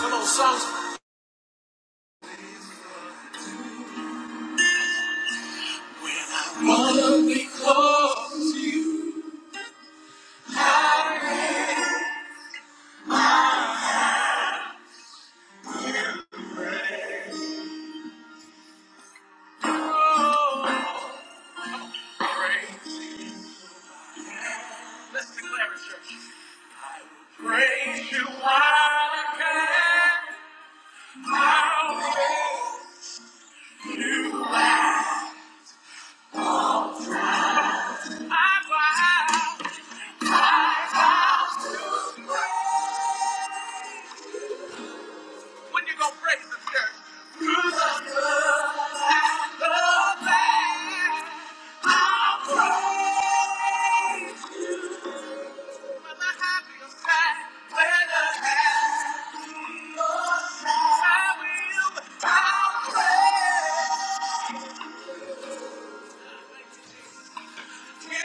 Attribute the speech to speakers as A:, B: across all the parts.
A: Come on, songs. When I wanna be close to your grace. Let's declare it, church. Praise you while I can. How I vow. When you gonna praise the church? Through the good and the bad. I'll praise. when Whether happy or sad, whether happy or sad, I will. I'll praise. Come on,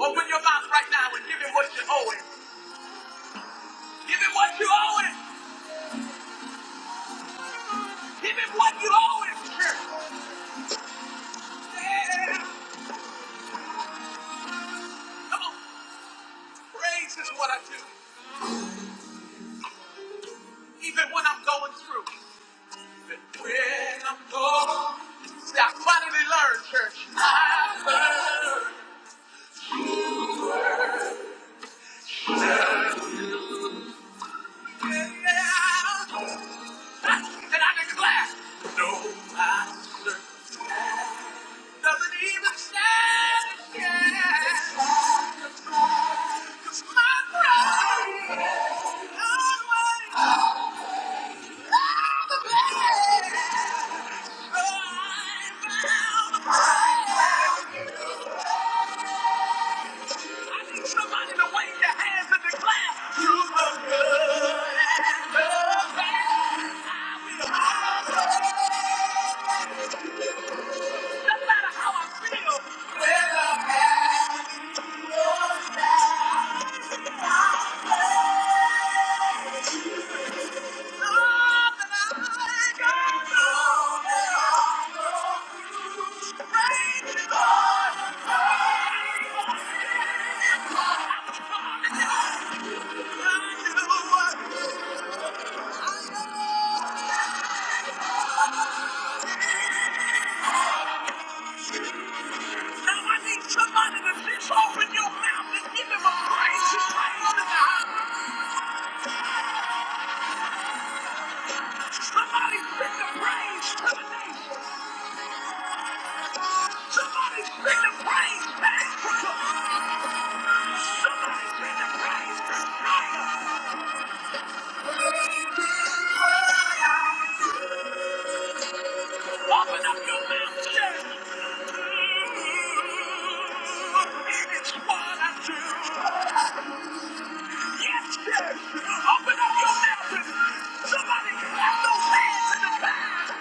A: open your mouth right now and give him what you owe him. Give him what you owe him. Give him what you owe him. Sure. Yeah. Come on, praise is what I do, even when I'm going through. When I'm gone, I finally learned, church. I love you. And I declare, no master doesn't even stand a chance. 'Cause my bride always found the best. So I found- the best. I need Somebody to wave their hands and declare, you the good and the bad, the well Somebody that's this open now, let's give him a praise and praise. Somebody send the praise to the nation. Somebody send the praise back. Somebody send the praise. Now open up your mouth, yes. It's what I do. Yes, church. Open up your mouth somebody clap those hands in the back.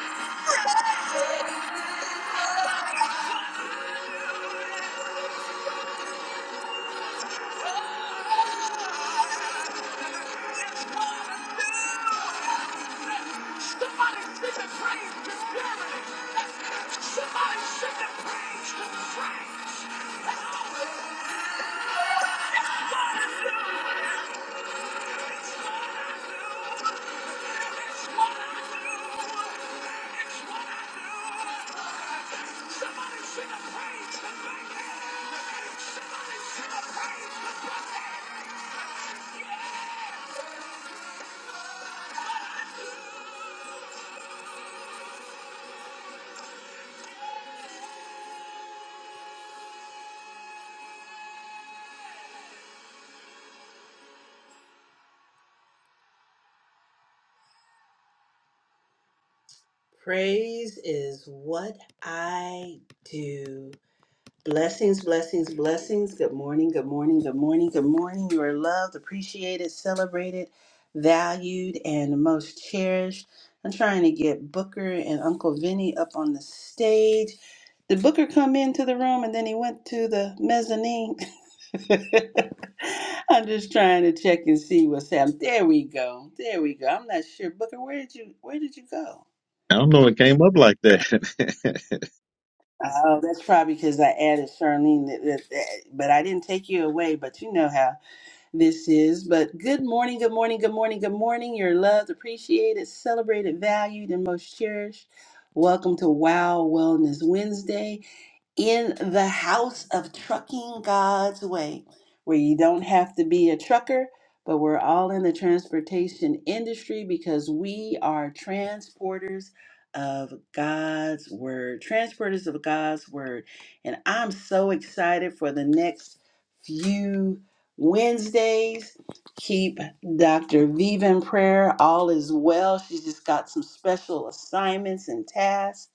A: Praise is what I do. Blessings, blessings, blessings. Good morning, good morning, good morning, good morning. You are loved, appreciated, celebrated, valued, and most cherished. I'm trying to get Booker and Uncle Vinny up on the stage. Did Booker come into the room and then he went to the mezzanine? I'm just trying to check and see what's happening. There we go. There we go. I'm not sure. Booker, where did you where did you go?
B: I don't know. It came up like that.
A: Oh, that's probably because I added Charlene, that, that, that- but I didn't take you away. But you know how this is. But good morning, good morning, good morning, good morning. You're loved, appreciated, celebrated, valued, and most cherished. Welcome to Wow Wellness Wednesday in the house of trucking God's way, where you don't have to be a trucker, but we're all in the transportation industry because we are transporters of God's word, transporters of God's word. And I'm so excited for the next few Wednesdays. Keep Dr. Viva in prayer. All is well. She's just got some special assignments and tasks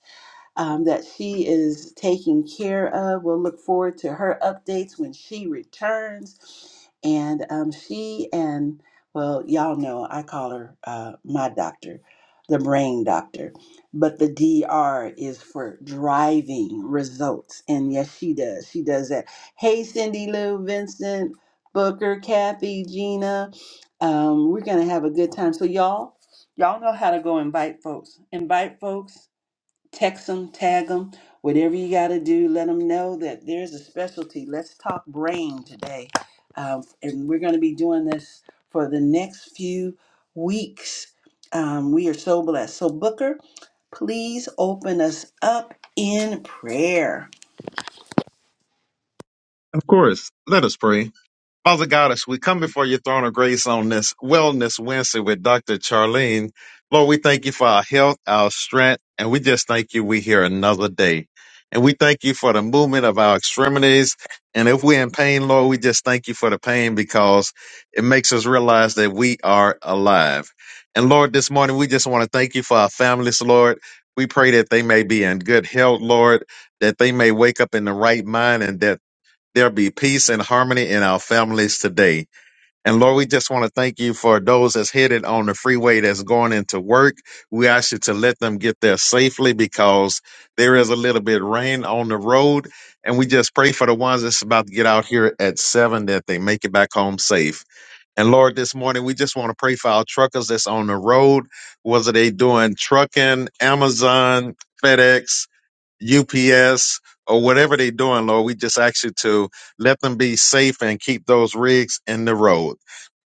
A: um, that she is taking care of. We'll look forward to her updates when she returns. And um, she and, well, y'all know I call her uh, my doctor, the brain doctor. But the D R is for driving results. And yes, she does. She does that. Hey, Cindy Lou, Vincent, Booker, Kathy, Gina. Um, we're going to have a good time. So, y'all, y'all know how to go invite folks. Invite folks text them, tag them, whatever you got to do. Let them know that there's a specialty. Let's talk brain today. Um, and we're going to be doing this for the next few weeks. Um, we are so blessed. So, Booker, please open us up in prayer.
B: of course. Let us pray. Father Goddess, we come before your throne of grace on this Wellness Wednesday with Dr. Charlene. Lord, we thank you for our health, our strength, and we just thank you we here another day. And we thank you for the movement of our extremities. And if we're in pain, Lord, we just thank you for the pain because it makes us realize that we are alive. And Lord, this morning we just want to thank you for our families, Lord. We pray that they may be in good health, Lord, that they may wake up in the right mind and that there be peace and harmony in our families today. And Lord, we just want to thank you for those that's headed on the freeway that's going into work. We ask you to let them get there safely because there is a little bit rain on the road. And we just pray for the ones that's about to get out here at seven that they make it back home safe. And Lord, this morning we just want to pray for our truckers that's on the road. Whether they doing trucking, Amazon, FedEx, UPS or whatever they're doing, Lord. We just ask you to let them be safe and keep those rigs in the road.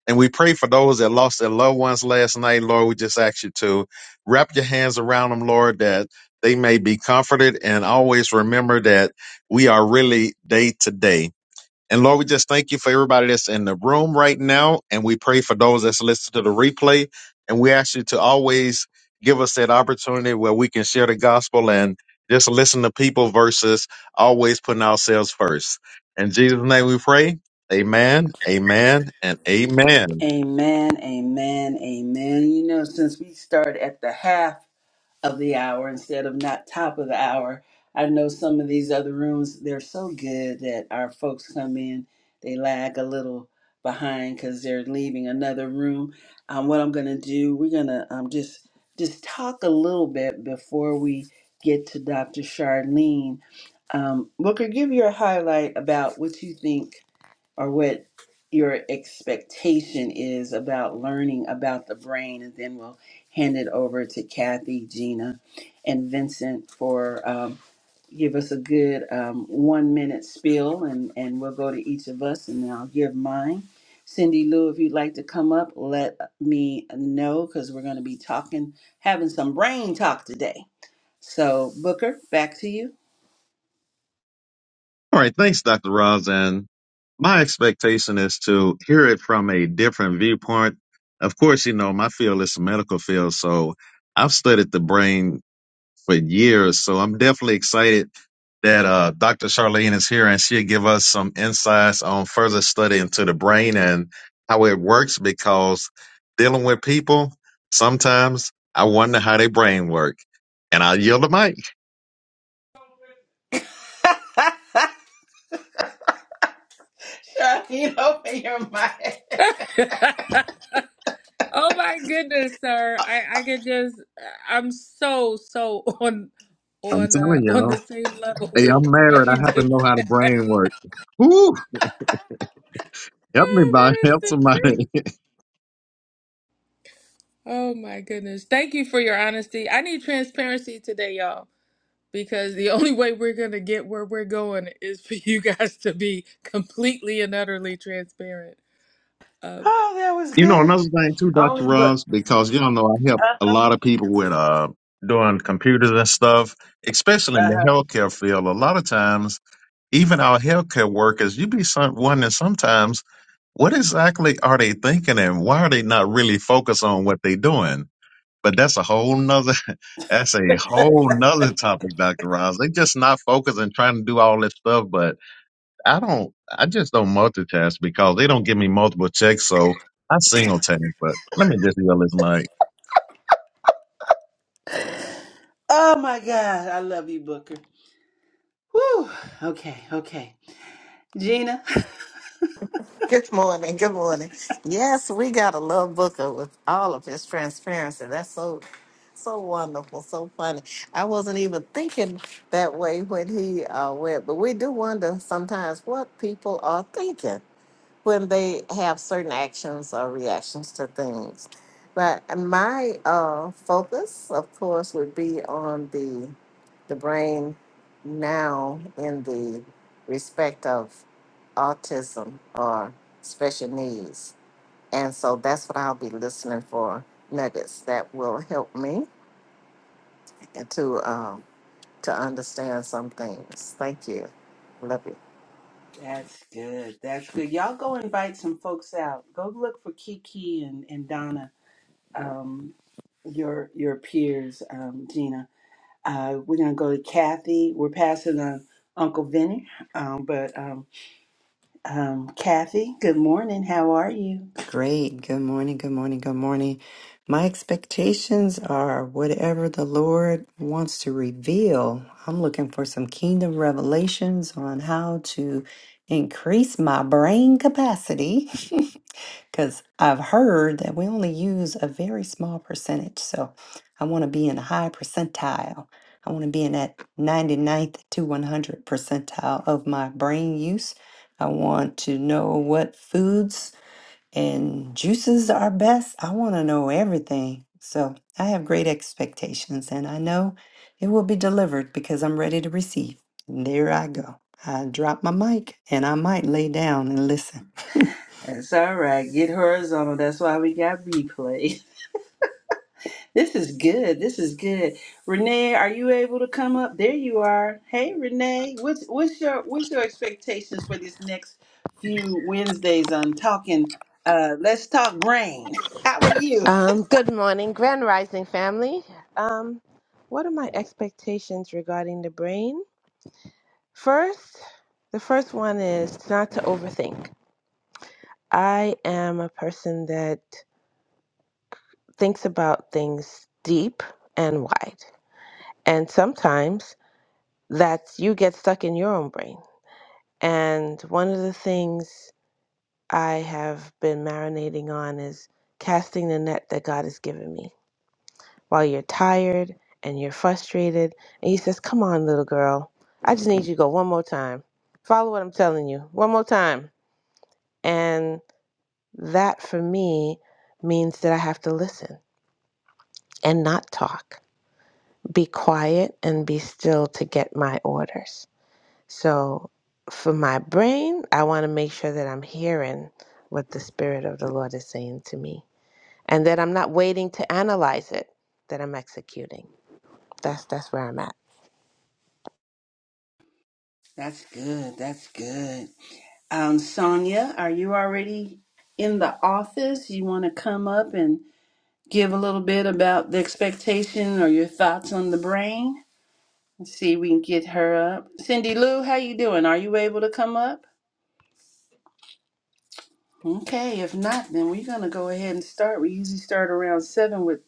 B: And we pray for those that lost their loved ones last night, Lord. We just ask you to wrap your hands around them, Lord, that they may be comforted and always remember that we are really day to day. And Lord, we just thank you for everybody that's in the room right now. And we pray for those that's listening to the replay. And we ask you to always give us that opportunity where we can share the gospel and just listen to people versus always putting ourselves first. In Jesus' name we pray. Amen, amen, and amen.
A: Amen, amen, amen. You know, since we started at the half of the hour instead of not top of the hour. I know some of these other rooms, they're so good that our folks come in, they lag a little behind because they're leaving another room. Um, what I'm going to do, we're going to um, just just talk a little bit before we get to Dr. Charlene. Um, Booker, give your highlight about what you think or what your expectation is about learning about the brain, and then we'll hand it over to Kathy, Gina, and Vincent for um, give us a good um, one minute spiel, and and we'll go to each of us, and then I'll give mine. Cindy Lou, if you'd like to come up, let me know because we're going to be talking, having some brain talk today. So Booker, back to you.
B: All right. Thanks, Dr. Roz. And my expectation is to hear it from a different viewpoint. Of course, you know, my field is the medical field. So I've studied the brain for years. So I'm definitely excited that uh, Dr. Charlene is here and she'll give us some insights on further study into the brain and how it works because dealing with people, sometimes I wonder how their brain work. And I yield the mic.
A: Shawty, open your mic.
C: oh my goodness, sir. I I could just I'm so so on
B: I'm
C: on uh,
B: telling
C: on
B: y'all.
C: the same level
B: Hey,
C: with
B: I'm
C: what
B: married.
C: you
B: I have to
C: just
B: know how the
C: said.
B: brain works. Whoo! Help me,
C: Ah, that
B: by
C: is
B: help
C: the
B: somebody.
C: truth. Oh my goodness. Thank you for your honesty. I need transparency today, y'all, because the only way we're going to get where we're going is for you guys to be completely and utterly transparent. Uh,
A: Oh, that was
B: You know,
A: good.
B: another thing too, Dr.
A: Only Booker.
B: Ross, because you don't know, I help a lot of people with uh doing computers and stuff, especially in the
A: Uh-huh.
B: healthcare field. A lot of times, even our healthcare workers, you be some, wondering sometimes what exactly are they thinking and why are they not really focused on what they're doing? But that's a whole nother that's a whole nother topic, Dr. Ross. They just not focused and trying to do all this stuff, but I don't. I just don't multitask because they don't give me multiple checks, so I single task. But let me just yell this mic.
A: Oh my God, I love you, Booker. Whew. Okay, okay. Gina.
D: Good morning. Good morning. Yes, we got a love booker with all of his transparency. That's so so wonderful, so funny. I wasn't even thinking that way when he uh, went, but we do wonder sometimes what people are thinking when they have certain actions or reactions to things. But my uh, focus, of course, would be on the the brain now in the respect of autism or special needs. And so that's what I'll be listening for nuggets that will help me to um, to understand some things. Thank you. Love you.
A: That's good. That's good. Y'all go invite some folks out. Go look for Kiki and, and Donna, um, your your peers, um, Gina. Uh, we're gonna go to Kathy. We're passing on Uncle Vinny. Um, but um, um, Kathy, good morning. How are you?
E: Great. Good morning. Good morning. Good morning. My expectations are whatever the Lord wants to reveal. I'm looking for some kingdom revelations on how to increase my brain capacity because I've heard that we only use a very small percentage. So I want to be in a high percentile. I want to be in that 99th to 100 percentile of my brain use. I want to know what foods and juices are best. I want to know everything. So I have great expectations and I know it will be delivered because I'm ready to receive. And there I go. I drop my mic and I might lay down and listen.
A: That's all right. Get horizontal. That's why we got replay. This is good. This is good. Renee, are you able to come up? There you are. Hey, Renee. What's what's your what's your expectations for these next few Wednesdays on talking? Uh, let's talk brain. How are you?
F: Um, good morning, Grand Rising family. Um, what are my expectations regarding the brain? First, the first one is not to overthink. I am a person that thinks about things deep and wide. And sometimes that's you get stuck in your own brain. And one of the things I have been marinating on is casting the net that God has given me while you're tired and you're frustrated. And he says, Come on, little girl. I just need you to go one more time. Follow what I'm telling you one more time. And that for me means that I have to listen and not talk, be quiet and be still to get my orders. So for my brain, I want to make sure that I'm hearing what the Spirit of the Lord is saying to me and that I'm not waiting to analyze it, that I'm executing. That's, that's where I'm at.
A: That's good. That's good. Um, Sonia, are you already in the office? You want to come up and give a little bit about the expectation or your thoughts on the brain? Let's see if we can get her up. Cindy Lou, how you doing? Are you able to come up? Okay, if not, then we're gonna go ahead and start. We usually start around seven with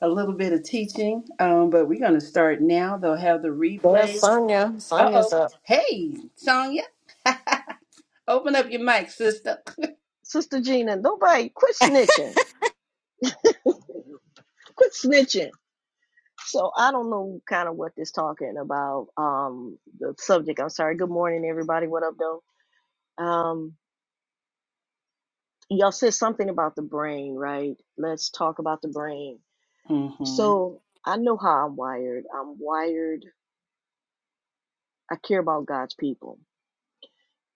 A: a little bit of teaching, um, but we're gonna start now. They'll have the
D: There's
A: replays.
D: Sonia.
A: Uh
D: Sonia's
A: oh.
D: up.
A: Hey, Sonya, open up your mic, sister.
G: Sister Gina, nobody quit snitching. Quit snitching. So I don't know kind of what this talking about. Um the subject. I'm sorry. Good morning, everybody. What up though? Um y'all said something about the brain, right? Let's talk about the brain.
A: hmm
G: So I know how I'm wired. I'm wired, I care about God's people.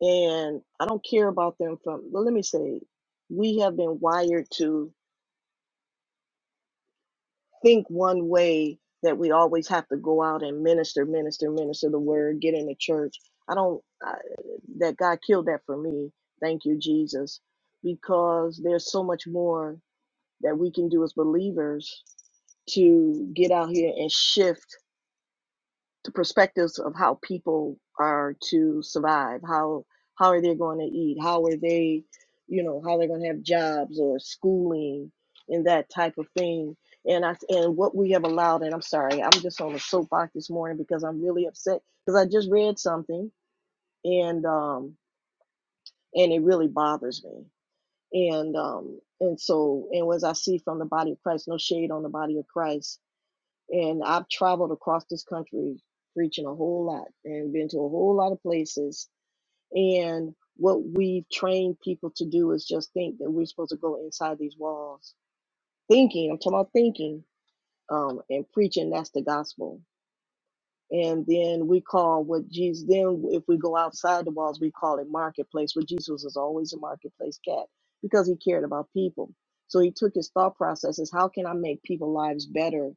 G: And I don't care about them from well, let me say, we have been wired to think one way that we always have to go out and minister, minister, minister the word, get in the church. I don't, I, that God killed that for me. Thank you, Jesus, because there's so much more that we can do as believers to get out here and shift to perspectives of how people are to survive how how are they going to eat how are they you know how they're going to have jobs or schooling and that type of thing and i and what we have allowed and i'm sorry i'm just on a soapbox this morning because i'm really upset because i just read something and um and it really bothers me and um and so and as i see from the body of christ no shade on the body of christ and I've traveled across this country preaching a whole lot and been to a whole lot of places. And what we've trained people to do is just think that we're supposed to go inside these walls. Thinking, I'm talking about thinking um, and preaching, that's the gospel. And then we call what Jesus, then if we go outside the walls, we call it marketplace. But Jesus was always a marketplace cat because he cared about people. So he took his thought processes how can I make people lives better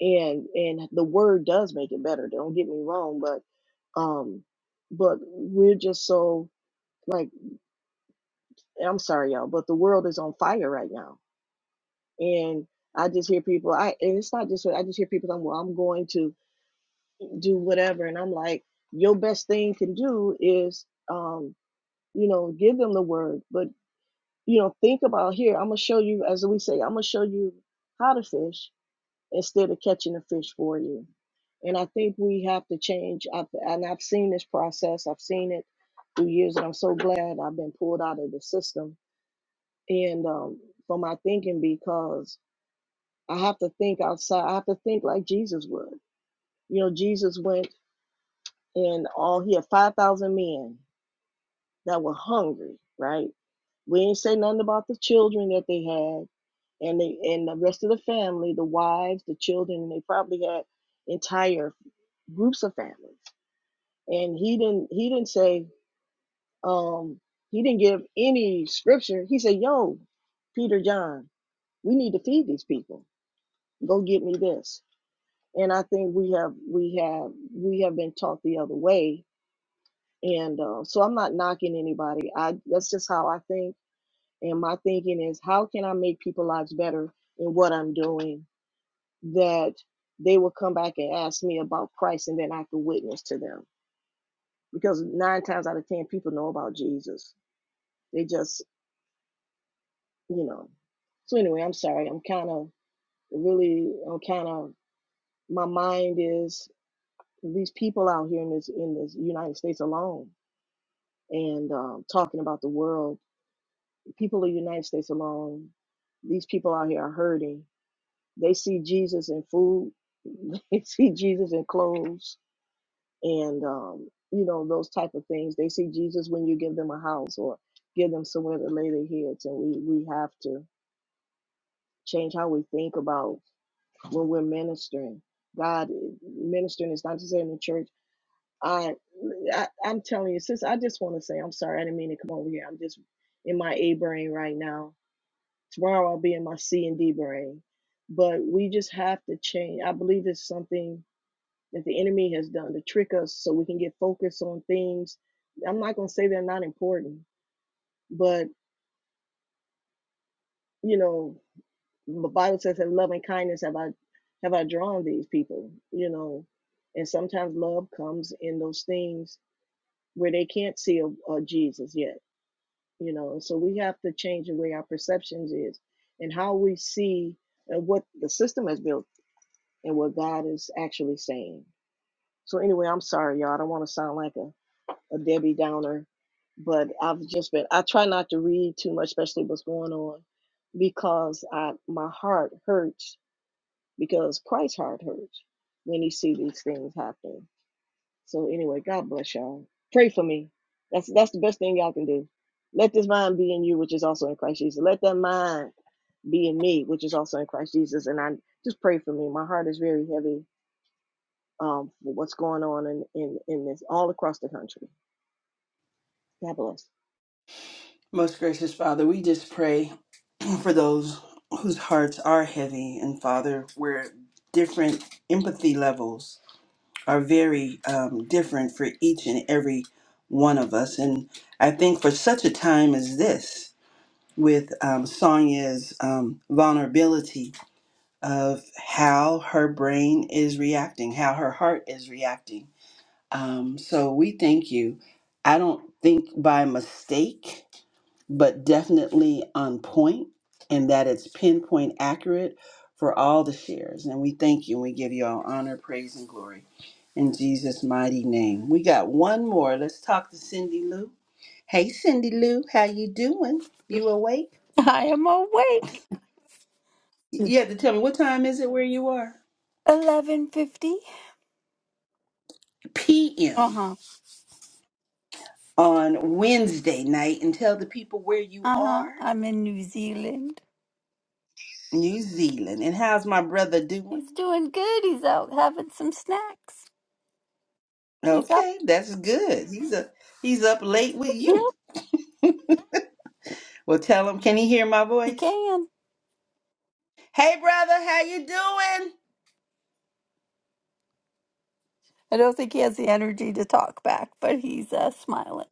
G: and and the word does make it better don't get me wrong but um but we're just so like i'm sorry y'all but the world is on fire right now and i just hear people i and it's not just i just hear people saying well i'm going to do whatever and i'm like your best thing can do is um you know give them the word but you know think about here i'm gonna show you as we say i'm gonna show you how to fish instead of catching the fish for you. And I think we have to change. I've, and I've seen this process. I've seen it through years, and I'm so glad I've been pulled out of the system and um, for my thinking because I have to think outside. I have to think like Jesus would. You know, Jesus went and all he had five thousand men that were hungry. Right? We ain't say nothing about the children that they had and the and the rest of the family, the wives, the children. And They probably had entire groups of families and he didn't he didn't say um he didn't give any scripture he said yo peter john we need to feed these people go get me this and i think we have we have we have been taught the other way and uh, so i'm not knocking anybody i that's just how i think and my thinking is how can i make people's lives better in what i'm doing that they will come back and ask me about christ and then i can witness to them because nine times out of ten people know about jesus they just you know so anyway i'm sorry i'm kind of really i'm kind of my mind is these people out here in this in this united states alone and um, talking about the world people of the united states alone these people out here are hurting they see jesus in food they see jesus in clothes and um, you know those type of things. They see Jesus when you give them a house or give them somewhere to lay their heads, and we we have to change how we think about when we're ministering. God, ministering is not to say in the church. I, I I'm telling you, sis. I just want to say I'm sorry. I didn't mean to come over here. I'm just in my A brain right now. Tomorrow I'll be in my C and D brain. But we just have to change. I believe it's something that the enemy has done to trick us so we can get focused on things. I'm not going to say they're not important, but you know, the Bible says that love and kindness have I have I drawn these people, you know. And sometimes love comes in those things where they can't see a, a Jesus yet, you know. And so we have to change the way our perceptions is and how we see uh, what the system has built and what God is actually saying. So anyway, I'm sorry, y'all. I don't want to sound like a a Debbie Downer, but I've just been I try not to read too much, especially what's going on, because I my heart hurts because Christ's heart hurts when he see these things happening. So anyway, God bless y'all. Pray for me. That's that's the best thing y'all can do. Let this mind be in you, which is also in Christ Jesus. Let that mind be in me, which is also in Christ Jesus. And I just pray for me. My heart is very heavy um, for what's going on in, in, in this all across the country. God bless.
A: Most gracious Father, we just pray for those whose hearts are heavy, and Father, we're at different empathy levels are very um, different for each and every one of us. And I think for such a time as this, with um, Sonia's um, vulnerability of how her brain is reacting, how her heart is reacting. Um, so we thank you. I don't think by mistake but definitely on point, and that it's pinpoint accurate for all the shares. And we thank you and we give you all honor, praise, and glory in Jesus' mighty name. We got one more. Let's talk to Cindy Lou. Hey, Cindy Lou, how you doing? You awake?
H: I am awake.
A: You have to tell me what time is it where you are?
H: Eleven fifty.
A: PM
H: Uh huh.
A: on Wednesday night and tell the people where you
H: Uh huh.
A: are.
H: I'm in New Zealand.
A: New Zealand. And how's my brother doing?
H: He's doing good. He's out having some snacks. He's up.
A: Okay, that's good. He's a he's up late with
H: Yep,
A: you. Well, tell him. Can he hear my
H: he
A: voice?
H: can.
A: Hey, brother, how you doing?
H: I don't think he has the energy to talk back, but he's uh, smiling.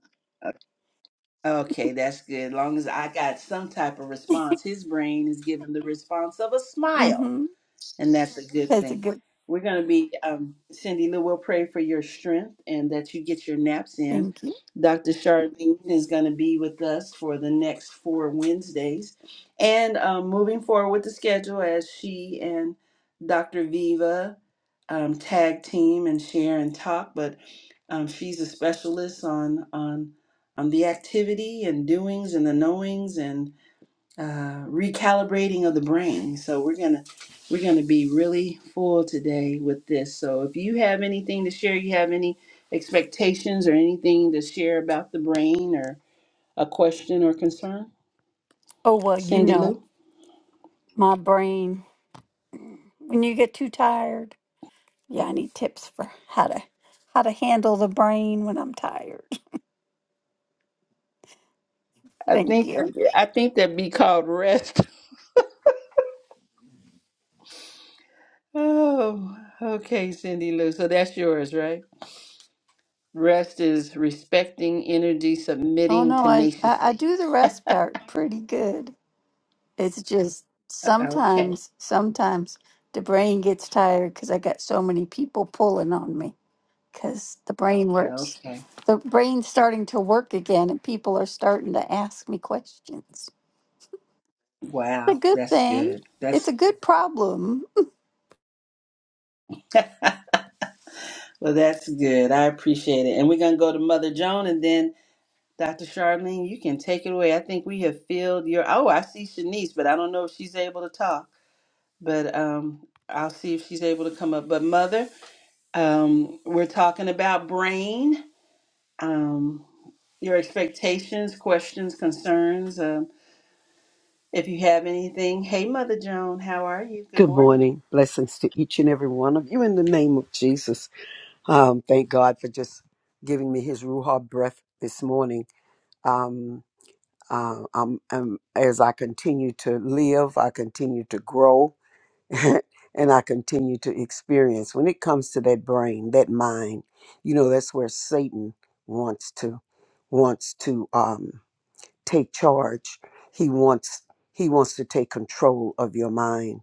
A: Okay, that's good. As long as I got some type of response, his brain is giving the response of a smile.
H: Mm-hmm.
A: and that's a good
H: That's a
A: thing.
H: good.
A: We're going to be, um, Cindy Lou will pray for your strength and that you get your naps in.
H: Thank you.
A: Dr. Charlene is going to be with us for the next four Wednesdays. And um, moving forward with the schedule as she and Dr. Viva um, tag team and share and talk, but um, she's a specialist on, on, on the activity and doings and the knowings and uh, recalibrating of the brain. So we're gonna we're gonna be really full today with this. So if you have anything to share, you have any expectations or anything to share about the brain or a question or concern,
H: Oh well, you
A: Cindy
H: know
A: Lou.
H: my brain. When you get too tired, yeah, I need tips for how to how to handle the brain when I'm tired.
A: I
H: Thank
A: think
H: you.
A: that I think that'd be called rest. Oh, okay, Cindy Lou. So that's yours, right? Rest is respecting energy,
H: Oh
A: submitting
H: no, I, I I
A: tenaciously.
H: do the rest part pretty good. It's just
A: Okay.
H: sometimes, sometimes the brain gets tired because I got so many people pulling on me because the brain works.
A: Okay.
H: The brain's starting to work again, and people are starting to ask me questions. It's a
A: Wow,
H: good
A: that's
H: thing.
A: good. That's.
H: It's a good problem.
A: Well, that's good. I appreciate it. And we're going to go to Mother Joan and then Dr. Charlene, you can take it away. I think we have filled your. Oh, I see Shanice, but I don't know if she's able to talk. But um, I'll see if she's able to come up. But, Mother, um, we're talking about brain, um, your expectations, questions, concerns. Um, if you have anything. Hey, Mother Joan, how are you? Good
I: Good
A: morning.
I: morning. Blessings to each and every one of you in the name of Jesus. Um, thank God for just giving me his Ruha breath this morning. Um, uh, um, um, as I continue to live, I continue to grow, and I continue to experience. When it comes to that brain, that mind, you know, that's where Satan wants to, wants to. Um, take charge. He wants he wants to take control of your mind,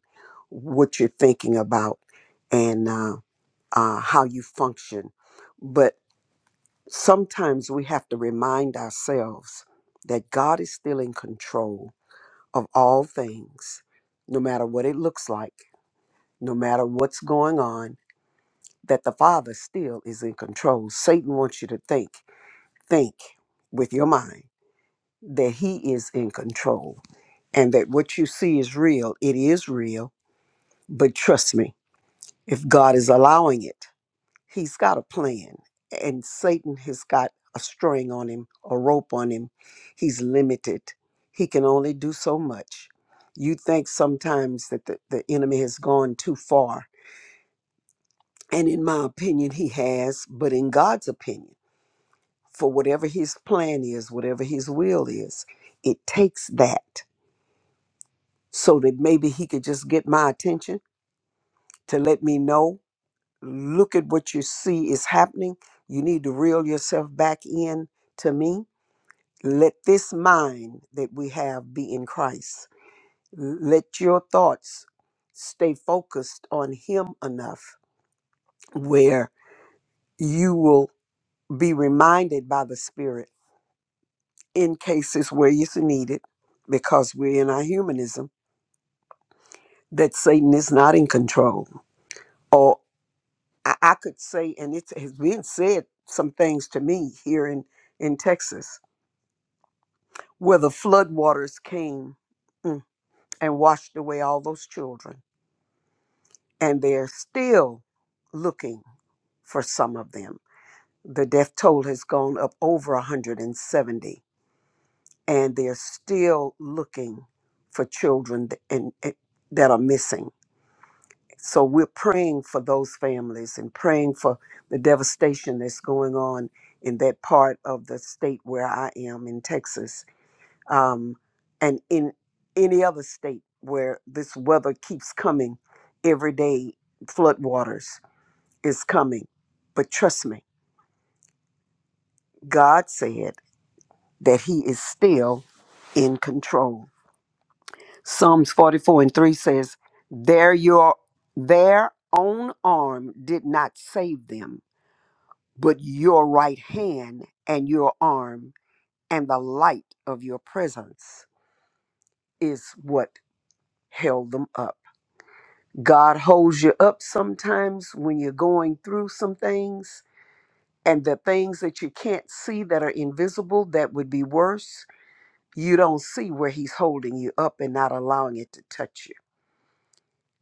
I: what you're thinking about, and uh, uh, how you function. But sometimes we have to remind ourselves that God is still in control of all things, no matter what it looks like, no matter what's going on. That the Father still is in control. Satan wants you to think, think with your mind that he is in control and that what you see is real. It is real, but trust me, if God is allowing it, He's got a plan. And Satan has got a string on him, a rope on him. He's limited. He can only do so much. You think sometimes that the, the enemy has gone too far. And in my opinion, he has, but in God's opinion, for whatever his plan is, whatever his will is, it takes that so that maybe he could just get my attention to let me know. Look at what you see is happening. You need to reel yourself back in to me. Let this mind that we have be in Christ. L- Let your thoughts stay focused on Him enough where you will be reminded by the Spirit in cases where it's needed, because we're in our humanism, that Satan is not in control I, I could say, and it has been said some things to me here in, in Texas, where the floodwaters came mm, and washed away all those children. And they're still looking for some of them. The death toll has gone up over 170, and they're still looking for children th- and, and- that are missing. So we're praying for those families and praying for the devastation that's going on in that part of the state where I am in Texas, um, and in any other state where this weather keeps coming every day. Floodwaters is coming, but trust me, God said that He is still in control. Psalms 44 and 3 says, "Their your their own arm did not save them." but your right hand and your arm and the light of your presence is what held them up. God holds you up sometimes when you're going through some things and the things that you can't see that are invisible that would be worse. You don't see where He's holding you up and not allowing it to touch you.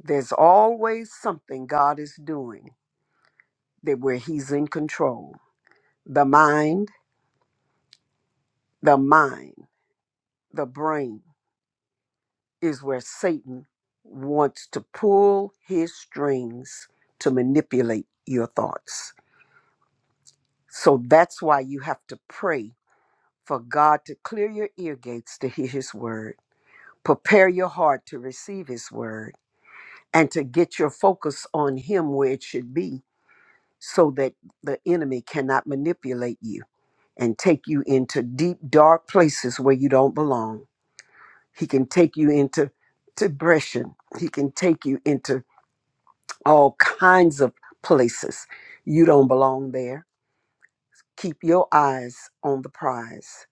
I: There's always something God is doing that where He's in control. The mind, the mind, the brain is where Satan wants to pull his strings to manipulate your thoughts. So that's why you have to pray for God to clear your ear gates to hear his word, prepare your heart to receive his word, and to get your focus on him where it should be so that the enemy cannot manipulate you and take you into deep, dark places where you don't belong. He can take you into depression. He can take you into all kinds of places. You don't belong there. Keep your eyes on the prize,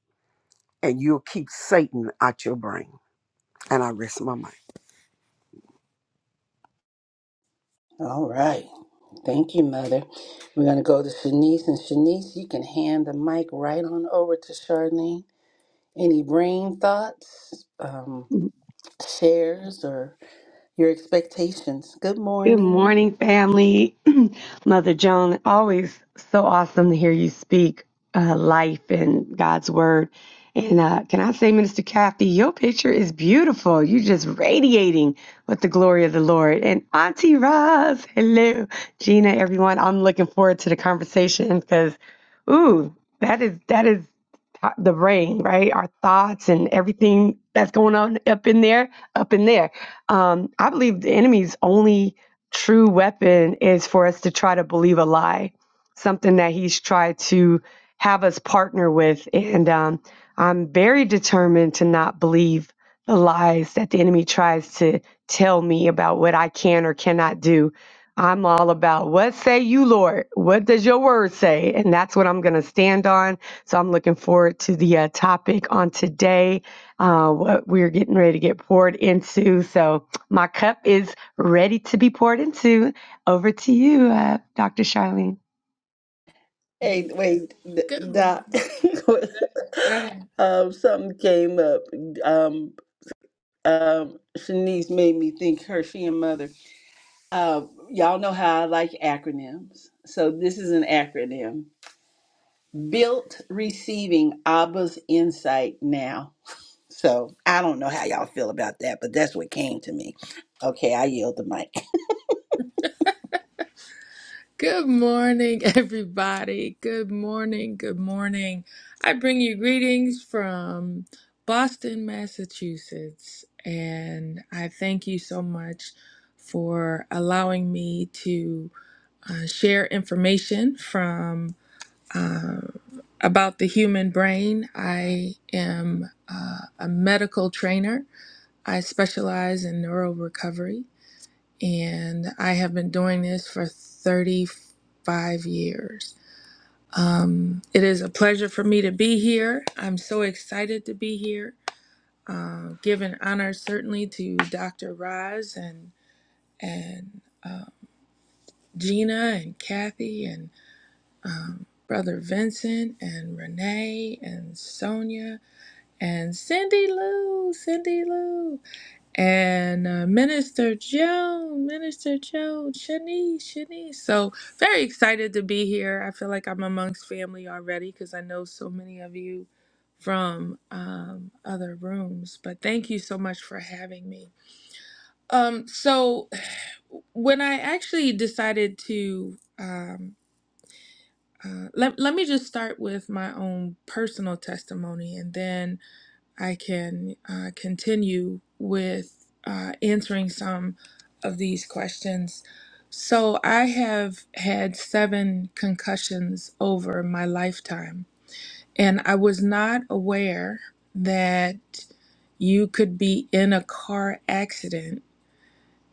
I: and you'll keep Satan out your brain. And I rest my mind.
A: All right. Thank you, Mother. We're going to go to Shanice. And Shanice, you can hand the mic right on over to Charlene. Any brain thoughts, um,
J: Mhm.
A: shares, or your expectations? Good
J: Good
A: morning.
J: morning, family. Mother Joan, always so awesome to hear you speak uh, life and God's word. And uh, can I say, Minister Kathy, your picture is beautiful. You're just radiating with the glory of the Lord. And Auntie Roz, hello, Gina, everyone. I'm looking forward to the conversation because, ooh, that is that is the brain, right? Our thoughts and everything that's going on up in there, up in there. Um, I believe the enemy's only true weapon is for us to try to believe a lie, something that he's tried to have us partner with. And um, I'm very determined to not believe the lies that the enemy tries to tell me about what I can or cannot do. I'm all about what say you, Lord? What does your word say? And that's what I'm going to stand on. So I'm looking forward to the uh, topic on today, uh, what we're getting ready to get poured into. So my cup is ready to be poured into. Over to you, uh, Dr. Charlene.
A: Hey,
C: mhm.
A: wait, D-
C: good.
A: Doc.
C: Go ahead.
A: um, something came up. Um, um, Shanice made me think her, she, and Mother. Uh, y'all know how I like acronyms. So this is an acronym. built receiving Abba's insight now. So I don't know how y'all feel about that, but that's what came to me. Okay, I yield the mic.
C: Good morning, everybody. Good morning. Good morning. I bring you greetings from Boston, Massachusetts, and I thank you so much for allowing me to uh, share information from uh, about the human brain. I am uh, a medical trainer. I specialize in neural recovery and I have been doing this for 35 years. Um, it is a pleasure for me to be here. I'm so excited to be here. Uh, giving honor certainly to Dr. Roz and and uh, Gina and Kathy and um, Brother Vincent and Renee and Sonia and Cindy Lou, Cindy Lou. and uh, Minister Joe, Minister Joe, Shanice, Shanice. So very excited to be here. I feel like I'm amongst family already because I know so many of you from um, other rooms. But thank you so much for having me. Um, so when I actually decided to, um, uh, let, let me just start with my own personal testimony and then I can uh, continue with uh, answering some of these questions. So, I have had seven concussions over my lifetime, and I was not aware that you could be in a car accident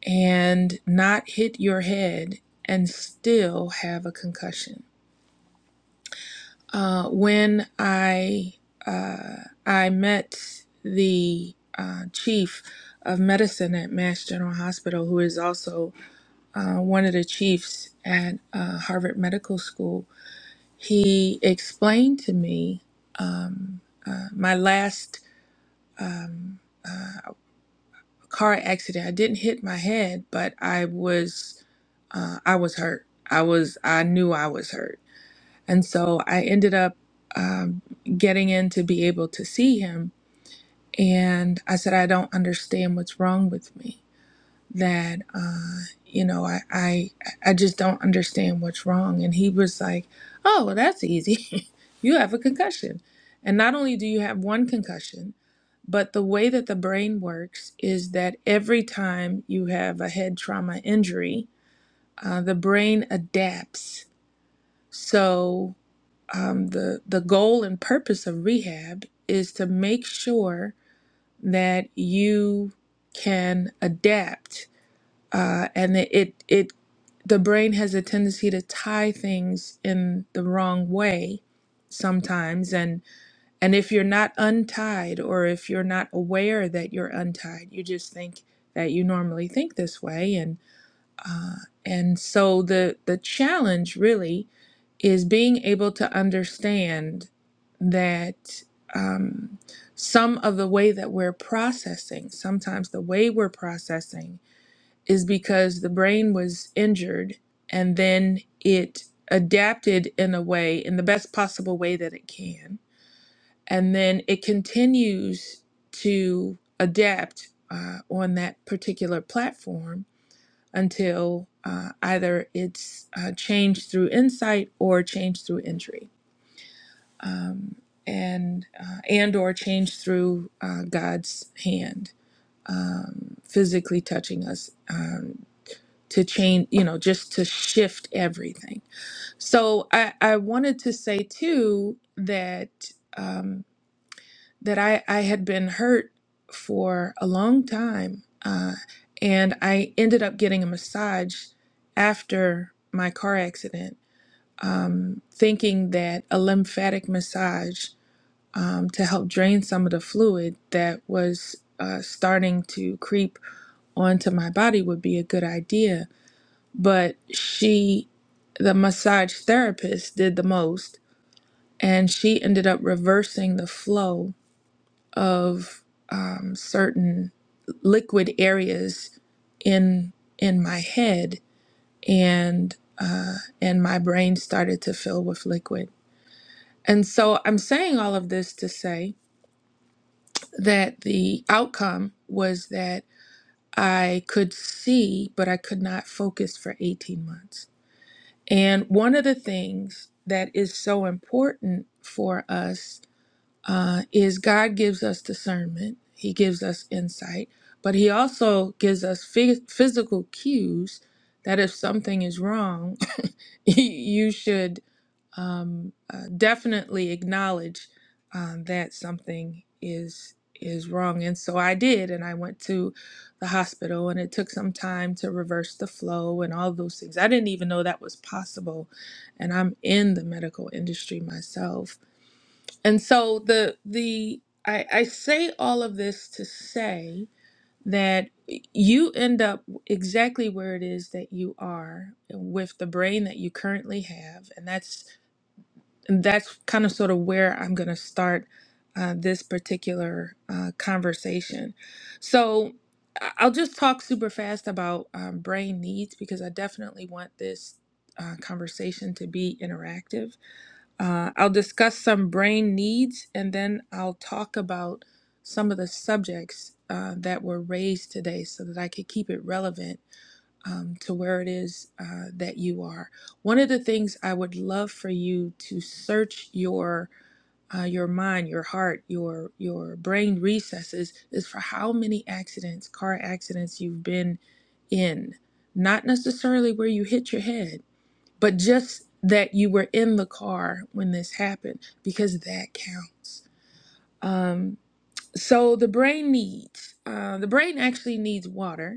C: and not hit your head and still have a concussion. Uh, when I uh, I met the uh, chief of medicine at Mass General Hospital, who is also uh, one of the chiefs at uh, Harvard Medical School, he explained to me um, uh, my last um, uh, car accident. I didn't hit my head, but I was uh, I was hurt. I was I knew I was hurt and so I ended up um, getting in to be able to see him. And I said, I don't understand what's wrong with me. That, uh, you know, I, I, I just don't understand what's wrong. And he was like, Oh, well, that's easy. you have a concussion. And not only do you have one concussion, but the way that the brain works is that every time you have a head trauma injury, uh, the brain adapts. So um, the the goal and purpose of rehab is to make sure that you can adapt, uh, and that it it the brain has a tendency to tie things in the wrong way sometimes and and if you're not untied or if you're not aware that you're untied you just think that you normally think this way and uh, and so the the challenge really is being able to understand that um, some of the way that we're processing, sometimes the way we're processing, is because the brain was injured and then it adapted in a way, in the best possible way that it can. And then it continues to adapt uh, on that particular platform until uh, either it's uh, changed through insight or changed through entry um, and uh, and or change through uh, God's hand, um, physically touching us um, to change, you know, just to shift everything. So I, I wanted to say too that um, that I, I had been hurt for a long time, uh, and I ended up getting a massage after my car accident, um, thinking that a lymphatic massage um, to help drain some of the fluid that was uh, starting to creep onto my body would be a good idea. But she, the massage therapist, did the most, and she ended up reversing the flow of um, certain liquid areas in in my head, and uh, and my brain started to fill with liquid. And so I'm saying all of this to say that the outcome was that I could see, but I could not focus for 18 months. And one of the things that is so important for us uh, is God gives us discernment, He gives us insight, but He also gives us phy- physical cues that if something is wrong, you should um, uh, definitely acknowledge um, that something is is wrong and so i did and i went to the hospital and it took some time to reverse the flow and all those things i didn't even know that was possible and i'm in the medical industry myself and so the the i, I say all of this to say that you end up exactly where it is that you are with the brain that you currently have and that's and that's kind of sort of where I'm going to start uh, this particular uh, conversation. So I- I'll just talk super fast about um, brain needs because I definitely want this uh, conversation to be interactive. Uh, I'll discuss some brain needs and then I'll talk about some of the subjects uh, that were raised today so that I could keep it relevant um, to where it is uh, that you are. One of the things I would love for you to search your uh, your mind, your heart, your your brain recesses is for how many accidents, car accidents you've been in. Not necessarily where you hit your head, but just that you were in the car when this happened, because that counts. Um, so the brain needs, uh, the brain actually needs water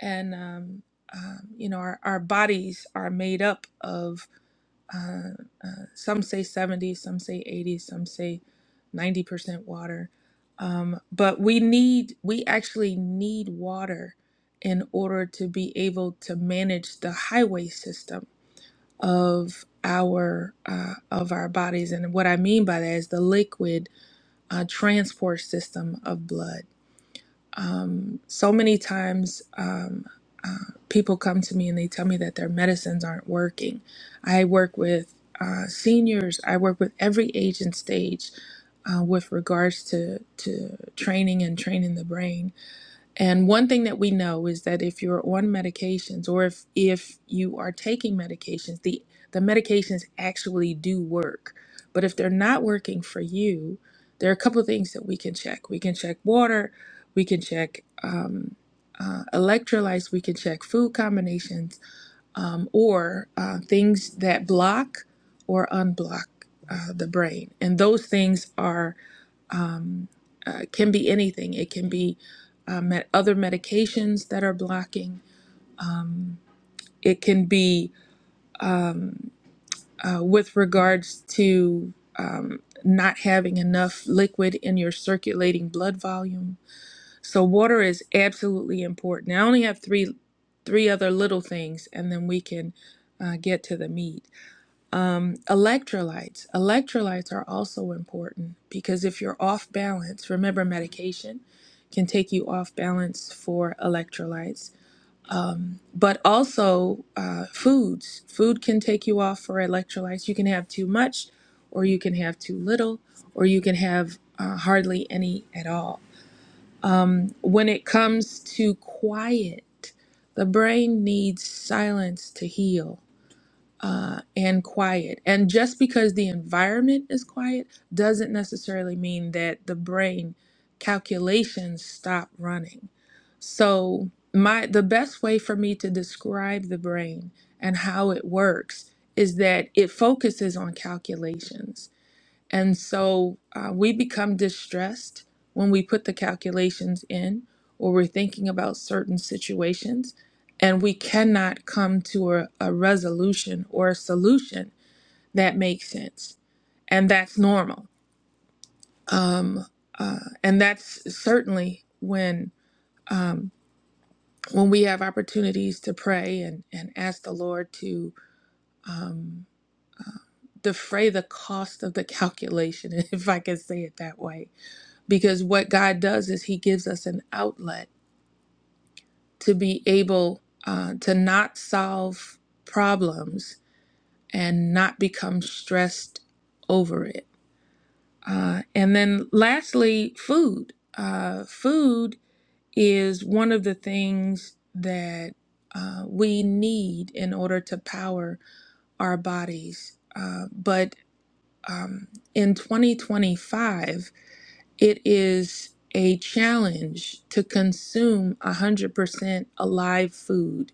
C: and um, um, you know our, our bodies are made up of uh, uh, some say 70 some say 80 some say 90% water um, but we need we actually need water in order to be able to manage the highway system of our uh, of our bodies and what i mean by that is the liquid uh, transport system of blood um, so many times, um, uh, people come to me and they tell me that their medicines aren't working. I work with uh, seniors. I work with every age and stage uh, with regards to to training and training the brain and one thing that we know is that if you're on medications or if if you are taking medications, the the medications actually do work. But if they're not working for you, there are a couple of things that we can check. We can check water, we can check um, uh, electrolytes, we can check food combinations, um, or uh, things that block or unblock uh, the brain. And those things are um, uh, can be anything. It can be um, me- other medications that are blocking. It can be um, uh, with regards to um, not having enough liquid in your circulating blood volume. So water is absolutely important. I only have three three other little things, and then we can uh, get to the meat. Um, electrolytes. Electrolytes are also important because if you're off balance, remember medication can take you off balance for electrolytes, but also uh, foods. Food can take you off for electrolytes. You can have too much, or you can have too little, or you can have uh, hardly any at all. When it comes to quiet, the brain needs silence to heal. uh, and quiet. And just because the environment is quiet doesn't necessarily mean that the brain calculations stop running. So my the best way for me to describe the brain and how it works is that it focuses on calculations and so uh, we become distressed when we put the calculations in or we're thinking about certain situations, and we cannot come to a, a resolution or a solution that makes sense. And that's normal. Um, uh, and that's certainly when um, when we have opportunities to pray and, and ask the Lord to defray the cost of the calculation, if I can say it that way. Because what God does is He gives us an outlet to be able uh, to not solve problems and not become stressed over it. Uh, and then lastly, food. Uh, food is one of the things that uh, we need in order to power our bodies. Uh, but um, in 2025, it is a challenge to consume 100% alive food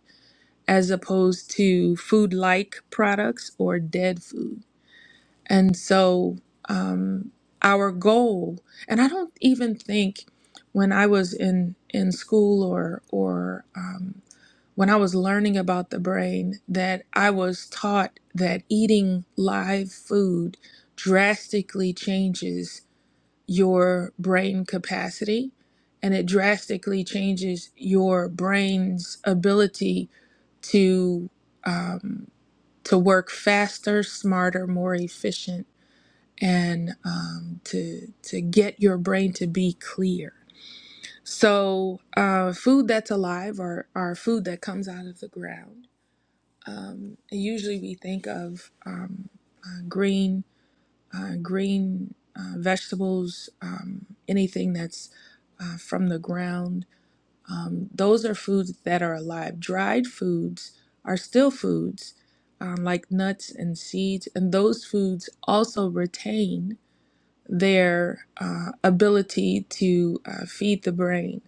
C: as opposed to food like products or dead food. And so, um, our goal, and I don't even think when I was in, in school or, or um, when I was learning about the brain, that I was taught that eating live food drastically changes your brain capacity and it drastically changes your brain's ability to um, to work faster, smarter, more efficient, and um, to to get your brain to be clear. So, uh, food that's alive or or food that comes out of the ground. Um, usually, we think of um, uh, green uh, green uh, vegetables, um, anything that's uh, from the ground um, those are foods that are alive. Dried foods are still foods, um, like nuts and seeds, and those foods also retain their uh, ability to uh, feed the brain.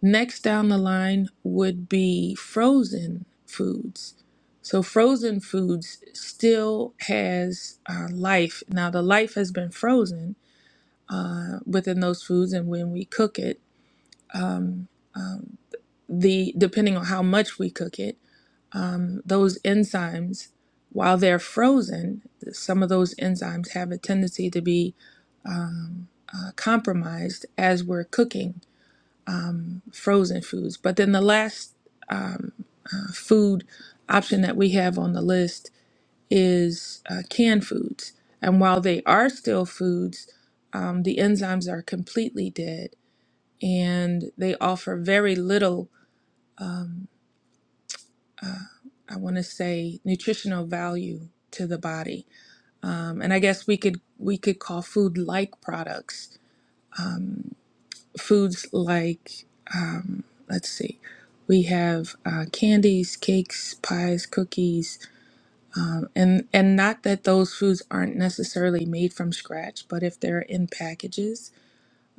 C: Next down the line would be frozen foods. So frozen foods still has uh, life. Now the life has been frozen uh, within those foods, and when we cook it, um, um, the depending on how much we cook it, um, those enzymes, while they're frozen, some of those enzymes have a tendency to be um, uh, compromised as we're cooking um, frozen foods. But then the last um, uh, food option that we have on the list is uh, canned foods. And while they are still foods, um, the enzymes are completely dead and they offer very little. um, uh, I want to say nutritional value to the body, um, and I guess we could we could call food like products, um, foods like um, let's see, we have uh, candies, cakes, pies, cookies, um, and and not that those foods aren't necessarily made from scratch, but if they're in packages,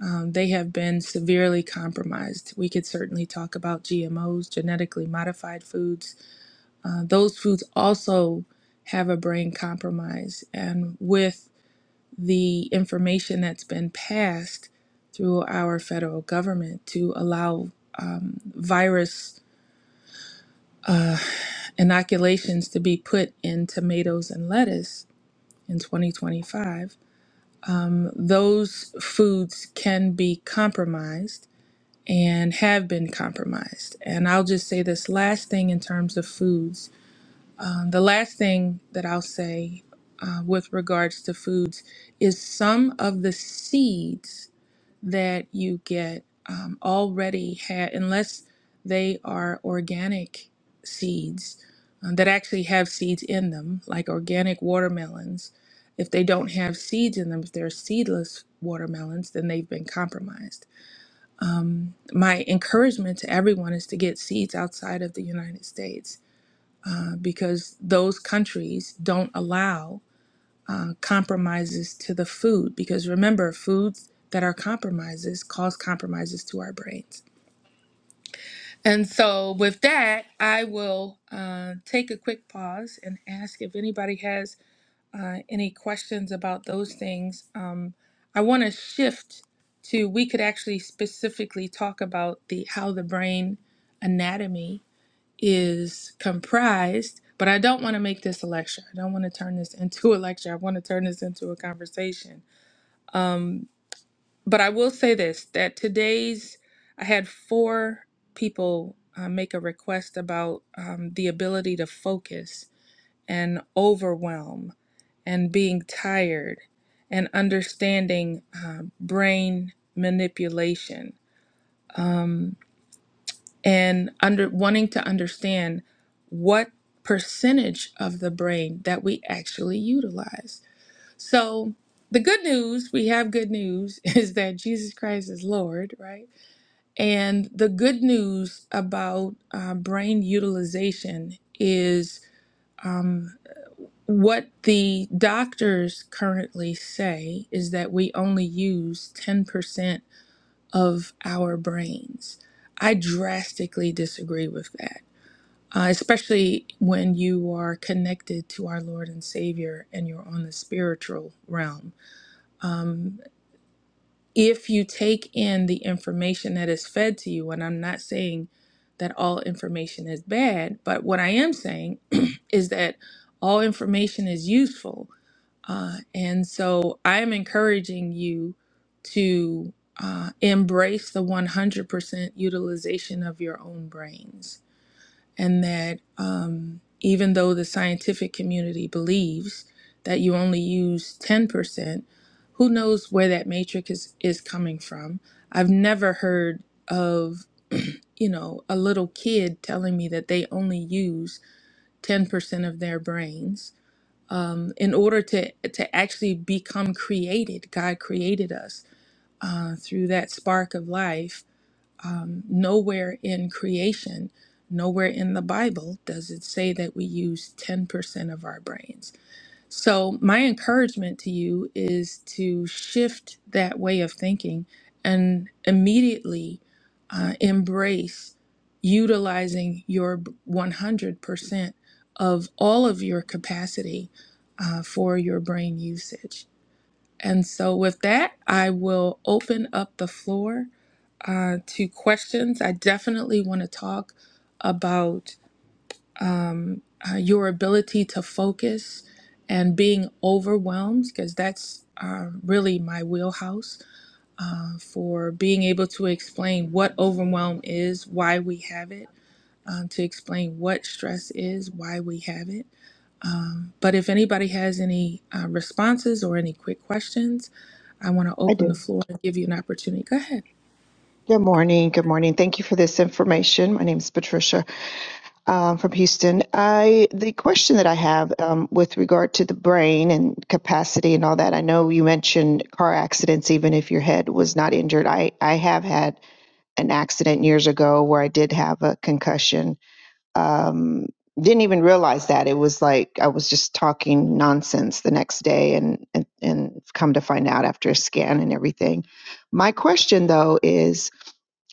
C: um, they have been severely compromised. We could certainly talk about GMOs, genetically modified foods uh, those foods also have a brain compromise. And with the information that's been passed through our federal government to allow um, virus uh, inoculations to be put in tomatoes and lettuce in 2025, those foods can be compromised and have been compromised. And I'll just say this last thing in terms of foods Um, the last thing that I'll say uh, with regards to foods is some of the seeds that you get um, already have, unless they are organic seeds um, that actually have seeds in them, like organic watermelons. If they don't have seeds in them, if they're seedless watermelons, then they've been compromised. My encouragement to everyone is to get seeds outside of the United States because those countries don't allow uh, compromises to the food. Because remember, foods that are compromises cause compromises to our brains. And so, with that, I will uh, take a quick pause and ask if anybody has uh, any questions about those things. Um, I want to shift to we could actually specifically talk about the how the brain anatomy is comprised, but I don't want to make this a lecture. I don't want to turn this into a lecture. I want to turn this into a conversation. But I will say this that today's, I had four people uh, make a request about um, the ability to focus and overwhelm and being tired and understanding um brain manipulation and under wanting to understand what percentage of the brain that we actually utilize. So the good news, we have good news, is that Jesus Christ is Lord, right? And the good news about uh, brain utilization is um, what the doctors currently say is that we only use 10% of our brains. I drastically disagree with that uh, especially when you are connected to our Lord and Savior and you're on the spiritual realm. Um, if you take in the information that is fed to you, and I'm not saying that all information is bad, but what I am saying is that all information is useful. Uh, and so I am encouraging you to uh, embrace the 100% utilization of your own brains and that um, even though the scientific community believes that you only use 10%, who knows where that matrix is, is coming from? I've never heard of, you know, a little kid telling me that they only use 10% of their brains. Um, in order to, to actually become created, God created us uh, through that spark of life um, nowhere in creation, nowhere in the Bible does it say that we use 10% of our brains. So, my encouragement to you is to shift that way of thinking and immediately uh, embrace utilizing your 100% of all of your capacity uh, for your brain usage. And so, with that, I will open up the floor uh, to questions. I definitely want to talk about uh, your ability to focus and being overwhelmed, because that's uh, really my wheelhouse uh, for being able to explain what overwhelm is, why we have it, um, to explain what stress is, why we have it. But if anybody has any uh, responses or any quick questions, I want to
K: I
C: open the
K: do.
C: floor and give you an opportunity. Go ahead.
K: Good morning. Good morning. Thank you for this information. My name is Patricia um, from Houston. I the question that I have um, with regard to the brain and capacity and all that. I know you mentioned car accidents, even if your head was not injured. I I have had an accident years ago where I did have a concussion. Um, didn't even realize that it was like I was just talking nonsense the next day, and and, and come to find out after a scan and everything. My question though is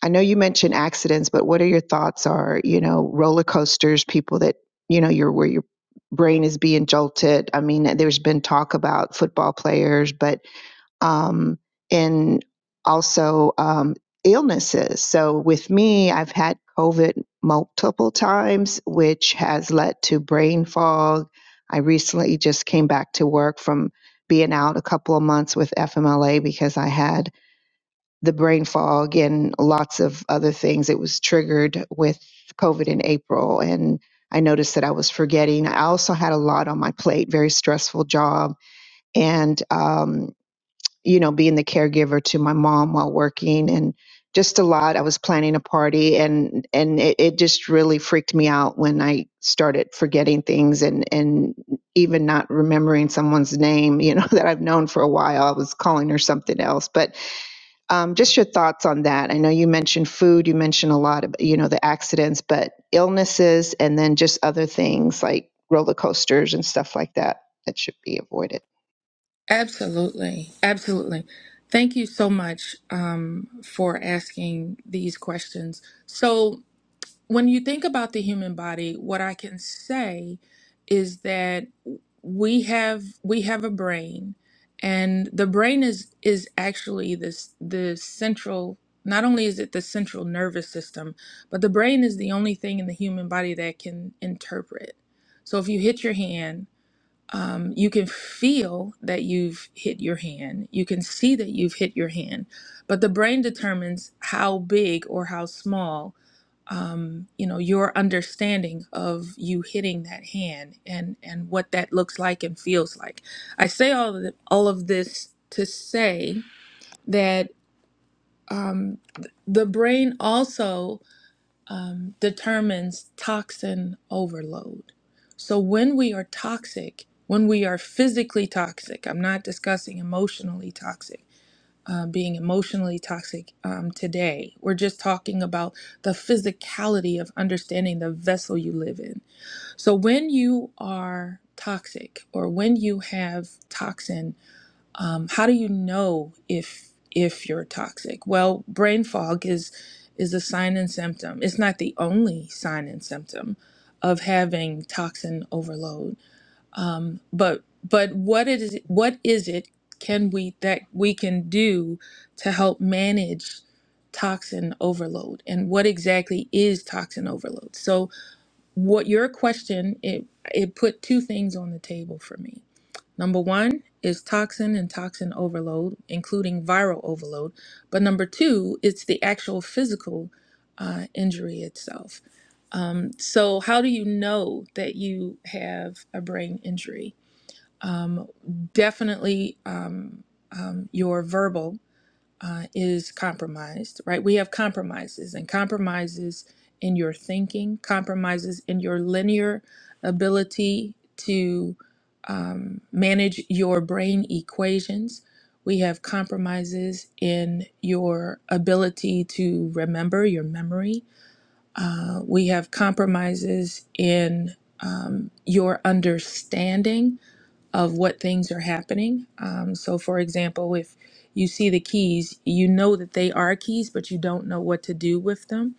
K: I know you mentioned accidents, but what are your thoughts are, you know, roller coasters, people that, you know, you're where your brain is being jolted. I mean, there's been talk about football players, but um and also um illnesses. So with me, I've had COVID multiple times, which has led to brain fog. I recently just came back to work from being out a couple of months with FMLA because I had the brain fog and lots of other things. It was triggered with COVID in April, and I noticed that I was forgetting. I also had a lot on my plate, very stressful job, and um, you know, being the caregiver to my mom while working, and just a lot. I was planning a party, and and it, it just really freaked me out when I started forgetting things and and even not remembering someone's name, you know, that I've known for a while. I was calling her something else, but um, just your thoughts on that. I know you mentioned food, you mentioned a lot of, you know, the accidents, but illnesses and then just other things like roller coasters and stuff like that that should be avoided.
C: Absolutely. Absolutely. Thank you so much um, for asking these questions. So, when you think about the human body, what I can say is that we have we have a brain and the brain is is actually this the central not only is it the central nervous system but the brain is the only thing in the human body that can interpret so if you hit your hand um, you can feel that you've hit your hand. You can see that you've hit your hand, but the brain determines how big or how small, um, you know, your understanding of you hitting that hand and and what that looks like and feels like. I say all of the, all of this to say that um, th- the brain also um, determines toxin overload. So, when we are toxic, when we are physically toxic, I'm not discussing emotionally toxic, uh, being emotionally toxic um, today. We're just talking about the physicality of understanding the vessel you live in. So, when you are toxic or when you have toxin um, how do you know if if you're toxic well brain fog is is a sign and symptom it's not the only sign and symptom of having toxin overload um, but but what it is what is it can we that we can do to help manage toxin overload and what exactly is toxin overload so what your question it it put two things on the table for me Number one is toxin and toxin overload, including viral overload. But number two, it's the actual physical uh, injury itself. Um, so, how do you know that you have a brain injury? Um, definitely um, um, your verbal uh, is compromised, right? We have compromises and compromises in your thinking, compromises in your linear ability to um, manage your brain equations. We have compromises in your ability to remember your memory. Uh, we have compromises in um, your understanding of what things are happening. Um, so, for example, if you see the keys, you know that they are keys, but you don't know what to do with them.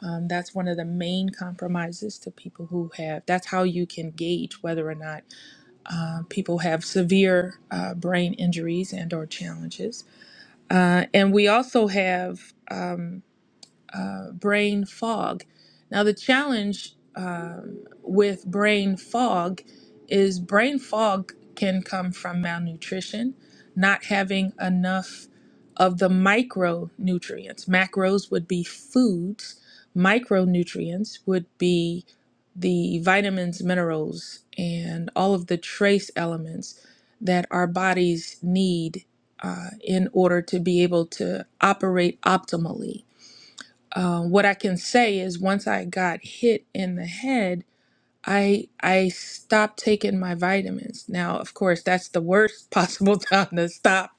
C: Um, that's one of the main compromises to people who have. That's how you can gauge whether or not uh, people have severe uh, brain injuries and/or challenges. Uh, and we also have. Um, uh, brain fog. Now, the challenge um, with brain fog is brain fog can come from malnutrition, not having enough of the micronutrients. Macros would be foods, micronutrients would be the vitamins, minerals, and all of the trace elements that our bodies need uh, in order to be able to operate optimally uh, what I can say is once I got hit in the head, I I stopped taking my vitamins. Now, of course, that's the worst possible time to stop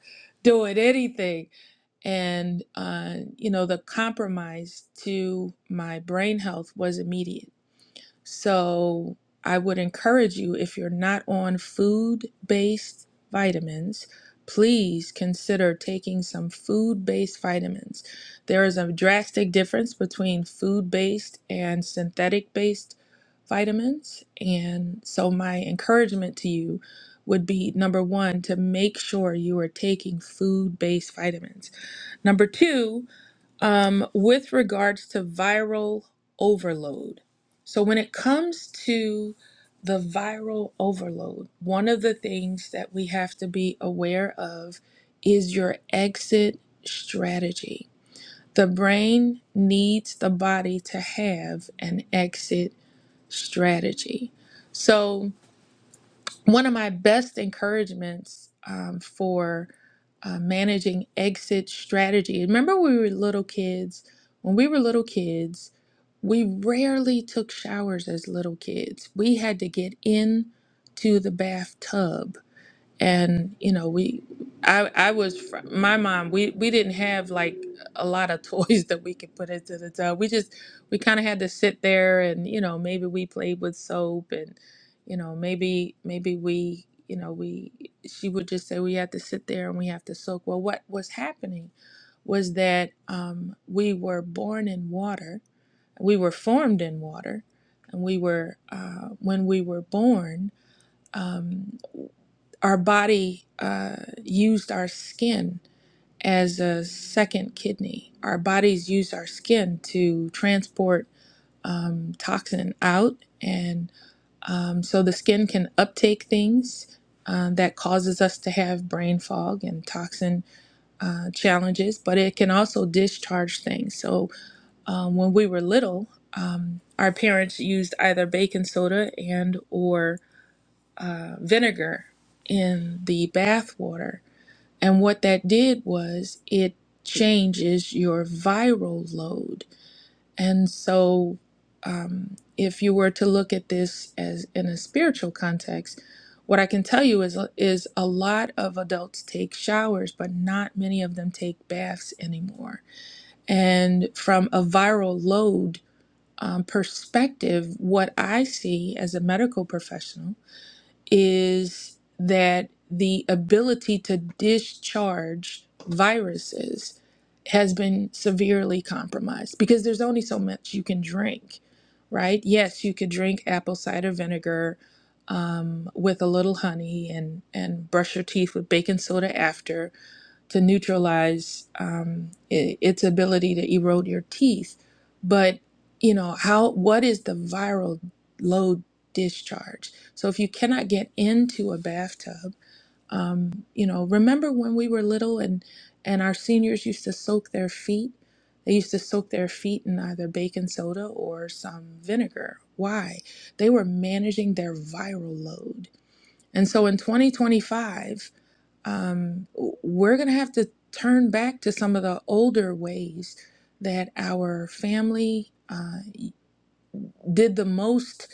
C: doing anything. And uh, you know, the compromise to my brain health was immediate so I would encourage you if you're not on food based vitamins, please consider taking some food based vitamins. There is a drastic difference between food based and synthetic based vitamins. And so my encouragement to you would be number one, to make sure you are taking food based vitamins. Number two, um, with regards to viral overload. So, when it comes to the viral overload, one of the things that we have to be aware of is your exit strategy. The brain needs the body to have an exit strategy. So, one of my best encouragements um, for uh, managing exit strategy. Remember, when we were little kids. When we were little kids, we rarely took showers as little kids. We had to get in to the bathtub and you know we i i was fr- my mom we we didn't have like a lot of toys that we could put into the tub we just we kind of had to sit there and you know maybe we played with soap and you know maybe maybe we you know we she would just say we have to sit there and we have to soak well what was happening was that um, we were born in water we were formed in water and we were uh, when we were born um, our body uh, used our skin as a second kidney. Our bodies use our skin to transport um, toxin out, and um, so the skin can uptake things uh, that causes us to have brain fog and toxin uh, challenges. But it can also discharge things. So um, when we were little, um, our parents used either baking soda and or uh, vinegar in the bath water. And what that did was it changes your viral load. And so, um, if you were to look at this as in a spiritual context, what I can tell you is is a lot of adults take showers, but not many of them take baths anymore. And from a viral load um, perspective, what I see as a medical professional is that the ability to discharge viruses has been severely compromised because there's only so much you can drink, right? Yes, you could drink apple cider vinegar um, with a little honey and, and brush your teeth with baking soda after, to neutralize um, i its ability to erode your teeth. But you know how what is the viral load discharge? So if you cannot get into a bathtub, um, you know remember when we were little and and our seniors used to soak their feet. They used to soak their feet in either baking soda or some vinegar. Why? They were managing their viral load. And so in 2025, um, we're going to have to turn back to some of the older ways that our family uh, did the most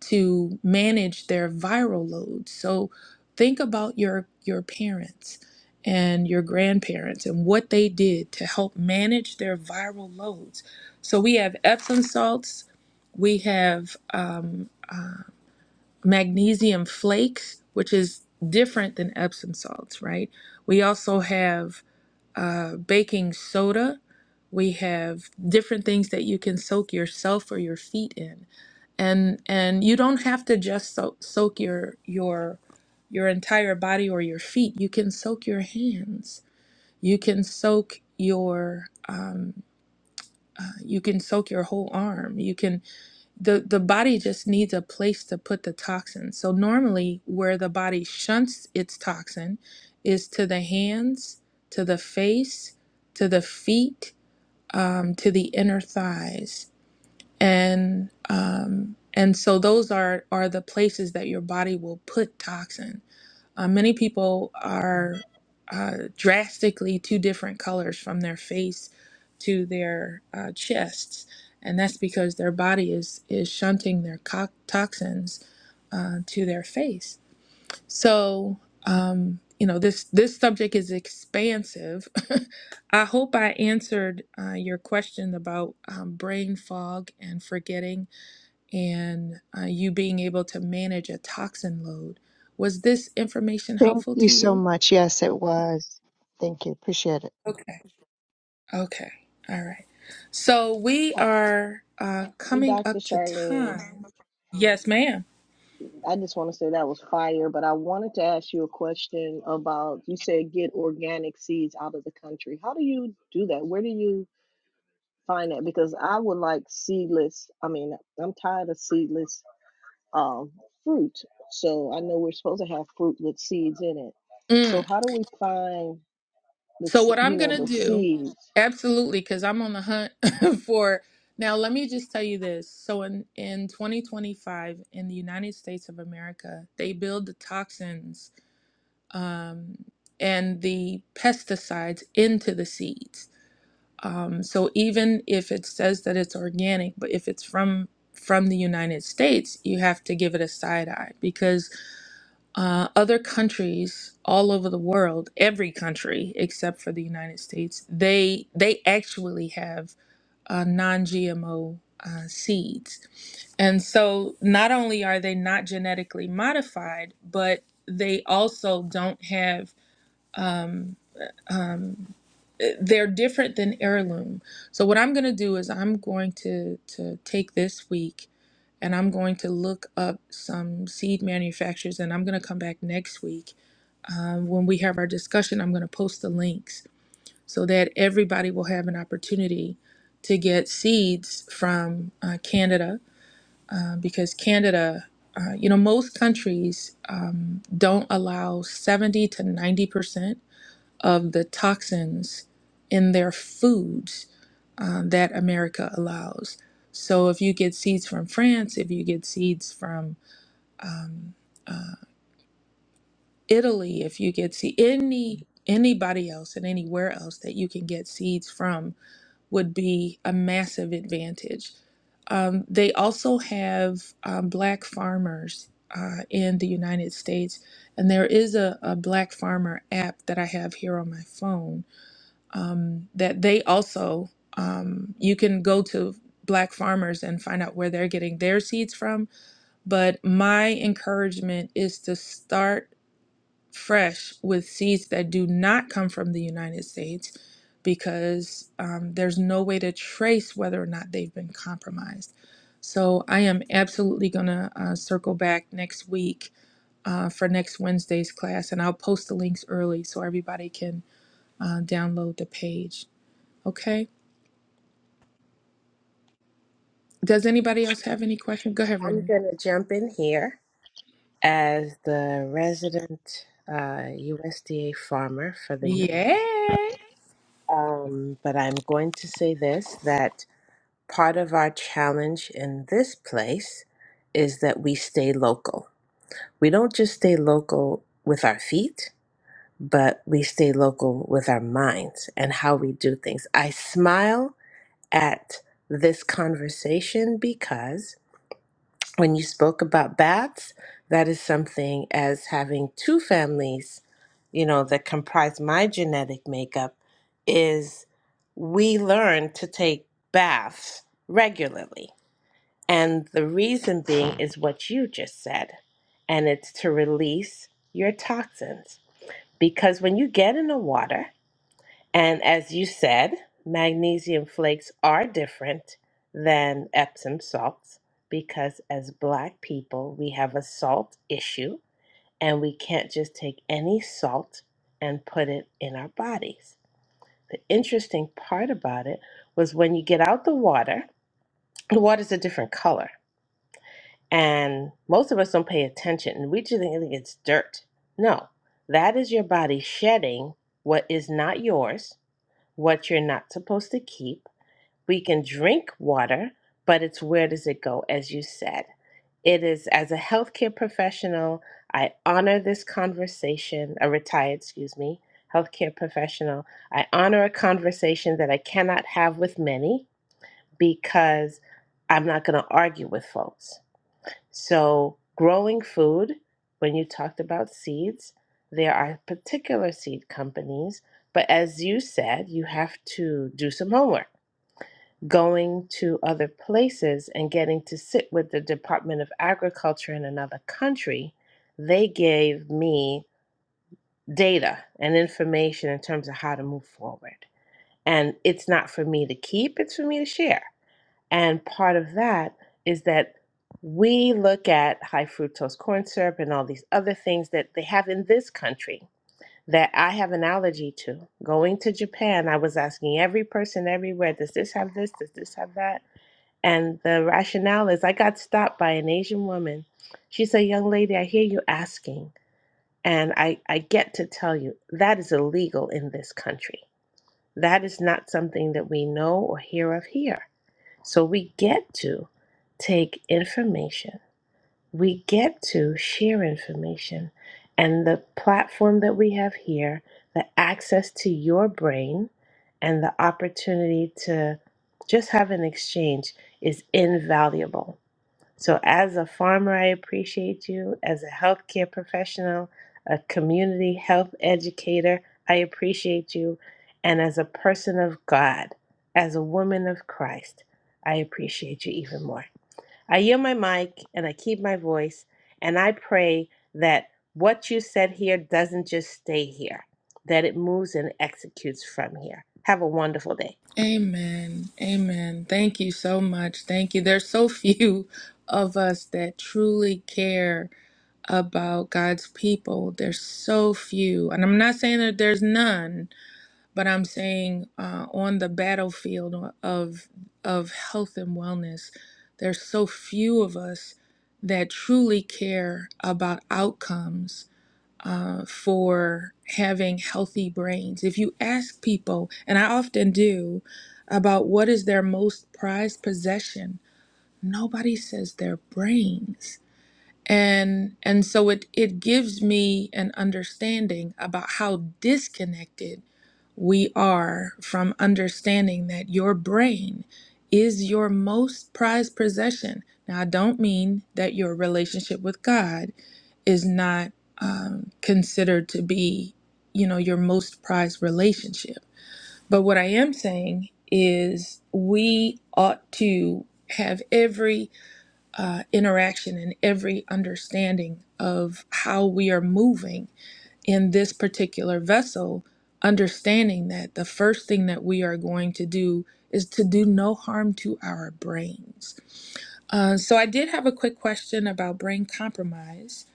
C: to manage their viral loads. So think about your your parents and your grandparents and what they did to help manage their viral loads. So we have Epsom salts, we have um, magnesium flakes, which is different than Epsom salts, right? We also have uh, baking soda. We have different things that you can soak yourself or your feet in, and and you don't have to just soak, soak your your your entire body or your feet. You can soak your hands. You can soak your um, uh, you can soak your whole arm. You can the the body just needs a place to put the toxin. So normally where the body shunts its toxin is to the hands, to the face, to the feet, um, to the inner thighs. And um, and so those are are the places that your body will put toxin uh, many people are uh, drastically two different colors from their face to their uh, chests, and that's because their body is is shunting their co- toxins uh, to their face. So um, you know this this subject is expansive. I hope I answered uh, your question about um, brain fog and forgetting and uh, you being able to manage a toxin load. Was this information
K: Thank
C: helpful
K: you
C: to
K: so
C: you?
K: much. Yes, it was. Thank you. Appreciate it.
C: Okay. Okay. All right. So we are uh,
G: Hey,
C: coming
G: Dr.
C: up to
G: Charlene,
C: time. Yes, ma'am.
G: I just want to say that was fire, but I wanted to ask you a question about you said get organic seeds out of the country. How do you do that? Where do you find that? Because I would like seedless, I mean, I'm tired of seedless um, fruit. So I know we're supposed to have fruit with seeds in it. So
C: Mm.
G: how do we find the,
C: So
G: s-
C: what I'm
G: you know,
C: gonna
G: the
C: do,
G: seeds?
C: absolutely, because I'm on the hunt for. Now, let me just tell you this. So in in 2025 in the United States of America, they build the toxins um, and the pesticides into the seeds. Um, so even if it says that it's organic, but if it's from from the United States, you have to give it a side eye because uh, other countries all over the world, every country except for the United States, they they actually have uh, non-GMO uh, seeds. And so not only are they not genetically modified, but they also don't have um, um, they're different than heirloom. So what I'm going to do is I'm going to to take this week and I'm going to look up some seed manufacturers and I'm going to come back next week um, when we have our discussion. I'm going to post the links so that everybody will have an opportunity to get seeds from uh, Canada uh, because Canada. Uh, you know, most countries um, don't allow 70 to 90% of the toxins in their foods um, that America allows. So if you get seeds from France, if you get seeds from um, uh, Italy, if you get see any anybody else and anywhere else that you can get seeds from would be a massive advantage. Um, they also have um, black farmers uh, in the United States, and there is a, a black farmer app that I have here on my phone um, that they also um, you can go to black farmers and find out where they're getting their seeds from but my encouragement is to start fresh with seeds that do not come from the united states because um, there's no way to trace whether or not they've been compromised so i am absolutely going to uh, circle back next week uh, for next wednesday's class and i'll post the links early so everybody can uh, download the page okay Does anybody else have any questions? Go ahead,
F: I'm
C: Renee.
F: going to jump in here as the resident uh, USDA farmer for the year.
C: Yeah.
F: Um, but I'm going to say this that part of our challenge in this place is that we stay local. We don't just stay local with our feet, but we stay local with our minds and how we do things. I smile at this conversation because when you spoke about bats, that is something as having two families, you know, that comprise my genetic makeup is we learn to take baths regularly. And the reason being is what you just said, and it's to release your toxins. Because when you get in the water, and as you said, magnesium flakes are different than Epsom salts because, as black people, we have a salt issue and we can't just take any salt and put it in our bodies. The interesting part about it was when you get out the water, the water's a different color. And most of us don't pay attention and we just think it's dirt. No, that is your body shedding what is not yours, what you're not supposed to keep we can drink water, but it's where does it go, as you said. It is as a healthcare professional, I honor this conversation, a retired, excuse me, healthcare professional. I honor a conversation that I cannot have with many because I'm not going to argue with folks. So, growing food, when you talked about seeds, there are particular seed companies, but as you said, you have to do some homework going to other places and getting to sit with the Department of Agriculture in another country, they gave me data and information in terms of how to move forward. And it's not for me to keep, it's for me to share. And part of that is that we look at high fructose corn syrup and all these other things that they have in this country that I have an allergy to. Going to Japan, I was asking every person everywhere, does this have this? Does this have that? And the rationale is I got stopped by an Asian woman. She said, Young lady, I hear you asking, and I, I get to tell you that is illegal in this country. That is not something that we know or hear of here. So we get to take information, we get to share information, and the platform that we have here, the access to your brain, and the opportunity to just have an exchange is invaluable so, as a farmer, I appreciate you. As a healthcare professional, a community health educator, I appreciate you. And as a person of God, as a woman of Christ, I appreciate you even more. I yield my mic and I keep my voice, and I pray that what you said here doesn't just stay here, that it moves and executes from here. Have a wonderful day.
C: Amen. Amen. Thank you so much. Thank you. There's so few of us that truly care about God's people. There's so few. And I'm not saying that there's none, but I'm saying uh, on the battlefield of of health and wellness, there's so few of us that truly care about outcomes uh, for having healthy brains. If you ask people, and I often do, about what is their most prized possession, nobody says their brains and and so it it gives me an understanding about how disconnected we are from understanding that your brain is your most prized possession now i don't mean that your relationship with god is not um, considered to be you know your most prized relationship but what i am saying is we ought to have every uh, interaction and every understanding of how we are moving in this particular vessel, understanding that the first thing that we are going to do is to do no harm to our brains. Uh, so, I did have a quick question about brain compromise,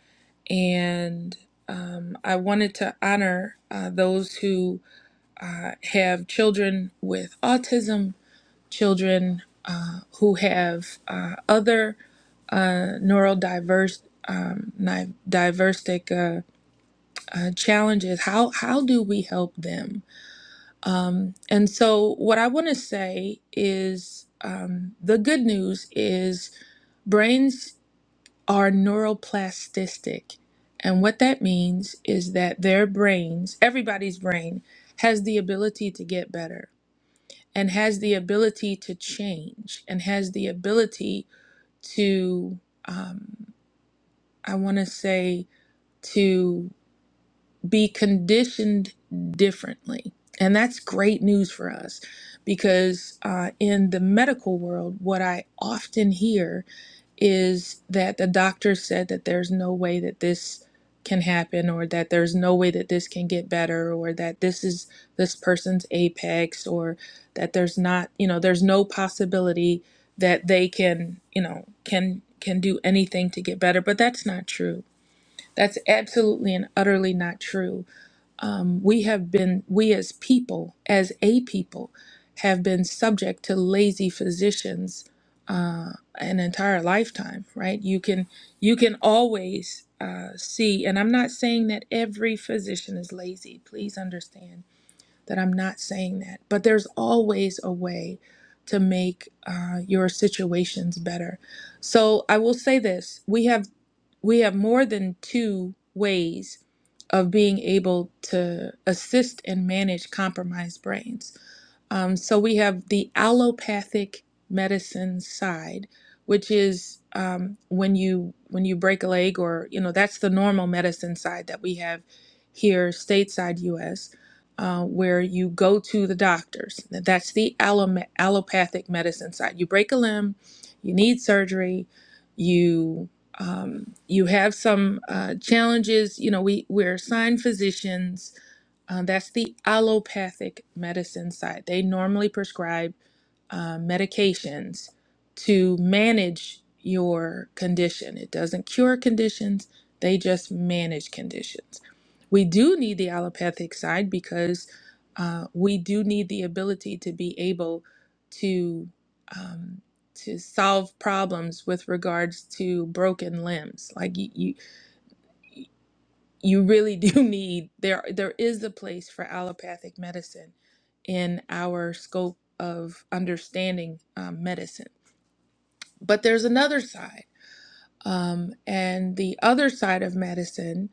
C: and um, I wanted to honor uh, those who uh, have children with autism children uh, who have uh, other uh, neurodiverse um, ni- diversic uh, uh, challenges. How how do we help them? And so, what I want to say is um, the good news is brains are neuroplastic, and what that means is that their brains, everybody's brain, has the ability to get better and has the ability to change and has the ability to um, i want to say to be conditioned differently and that's great news for us because uh, in the medical world what i often hear is that the doctor said that there's no way that this can happen or that there's no way that this can get better or that this is this person's apex or that there's not you know there's no possibility that they can you know can can do anything to get better but that's not true that's absolutely and utterly not true um, we have been, we as people, as a people, have been subject to lazy physicians uh, an entire lifetime. Right? You can you can always uh, see, and I'm not saying that every physician is lazy. Please understand that I'm not saying that, but there's always a way to make uh, your situations better. So I will say this: we have we have more than two ways of being able to assist and manage compromised brains. Um, so we have the allopathic medicine side, which is um, when you when you break a leg, or you know that's the normal medicine side that we have here, stateside U.S., uh, where you go to the doctors. That's the allo- allopathic medicine side. You break a limb, you need surgery. Um, you have some uh, challenges. You know, we, we're assigned physicians. Uh, that's the allopathic medicine side. They normally prescribe uh, medications to manage your condition. It doesn't cure conditions, they just manage conditions. We do need the allopathic side because uh, we do need the ability to be able to. Um, to solve problems with regards to broken limbs. Like you, you, you really do need there. There is a place for allopathic medicine in our scope of understanding um, medicine, but there's another side, um, and the other side of medicine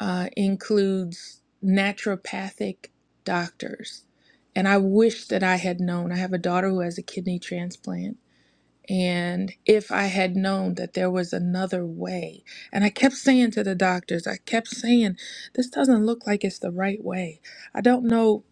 C: uh, includes naturopathic doctors. And I wish that I had known. I have a daughter who has a kidney transplant And if I had known that there was another way, and I kept saying to the doctors, I kept saying, this doesn't look like it's the right way. I don't know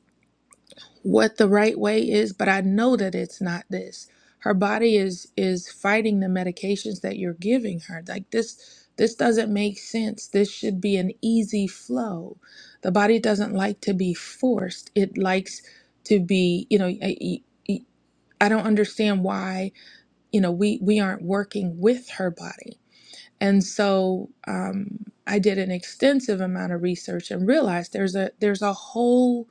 C: what the right way is, but I know that it's not this. Her body is is fighting the medications that you're giving her. Like this this doesn't make sense. This should be an easy flow. The body doesn't like to be forced. It likes to be, you know, I, I I don't understand why you know we we aren't working with her body and so um, i did an extensive amount of research and realized there's a there's a whole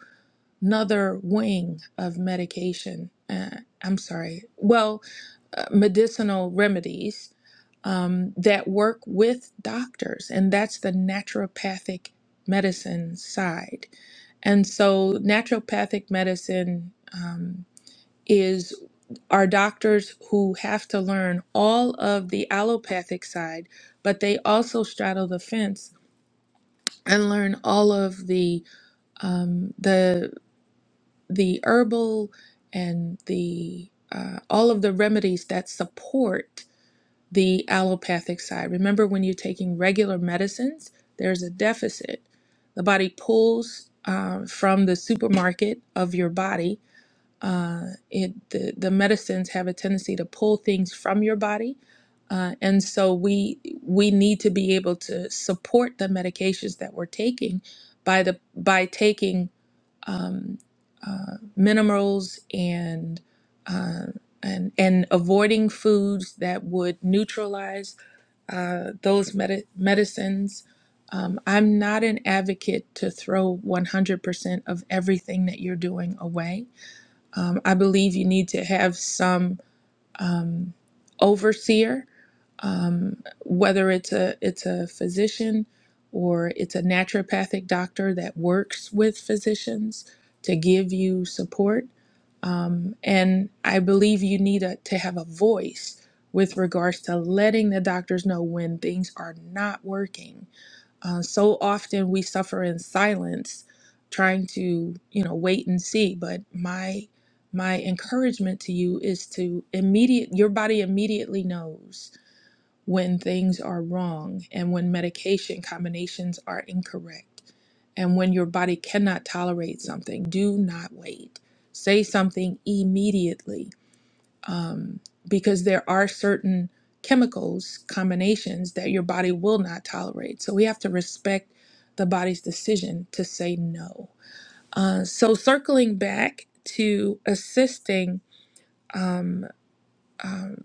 C: nother wing of medication uh, i'm sorry well uh, medicinal remedies um, that work with doctors and that's the naturopathic medicine side and so naturopathic medicine um, is our doctors who have to learn all of the allopathic side, but they also straddle the fence and learn all of the um, the the herbal and the uh, all of the remedies that support the allopathic side. Remember, when you're taking regular medicines, there's a deficit. The body pulls uh, from the supermarket of your body uh, it the, the medicines have a tendency to pull things from your body uh, and so we we need to be able to support the medications that we're taking by the by taking um, uh, minerals and uh, and and avoiding foods that would neutralize uh, those medi medicines. Um, I'm not an advocate to throw 100% of everything that you're doing away um, I believe you need to have some um, overseer, um, whether it's a it's a physician or it's a naturopathic doctor that works with physicians to give you support. Um, and I believe you need a, to have a voice with regards to letting the doctors know when things are not working uh, so often we suffer in silence, trying to you know wait and see. But my my encouragement to you is to immediate your body immediately knows when things are wrong and when medication combinations are incorrect and when your body cannot tolerate something do not wait say something immediately um, because there are certain chemicals combinations that your body will not tolerate. So we have to respect the body's decision to say no. Uh, so circling back to assisting. Um, um,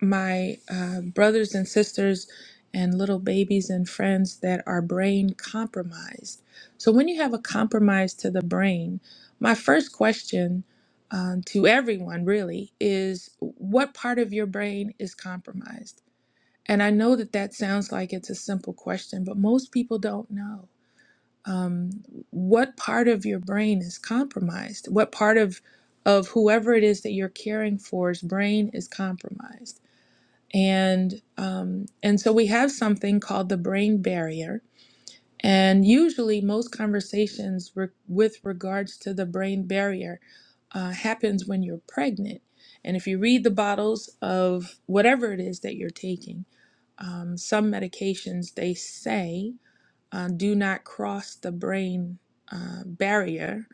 C: my uh, brothers and sisters and little babies and friends that are brain compromised. So, when you have a compromise to the brain, my first question um, to everyone really is what part of your brain is compromised? And I know that that sounds like it's a simple question, but most people don't know. Um, what part of your brain is compromised? What part of of whoever it is that you're caring for's brain is compromised? and um, and so we have something called the brain barrier and usually most conversations re- with regards to the brain barrier uh, happens when you're pregnant and if you read the bottles of whatever it is that you're taking um, some medications they say uh, do not cross the brain uh, barrier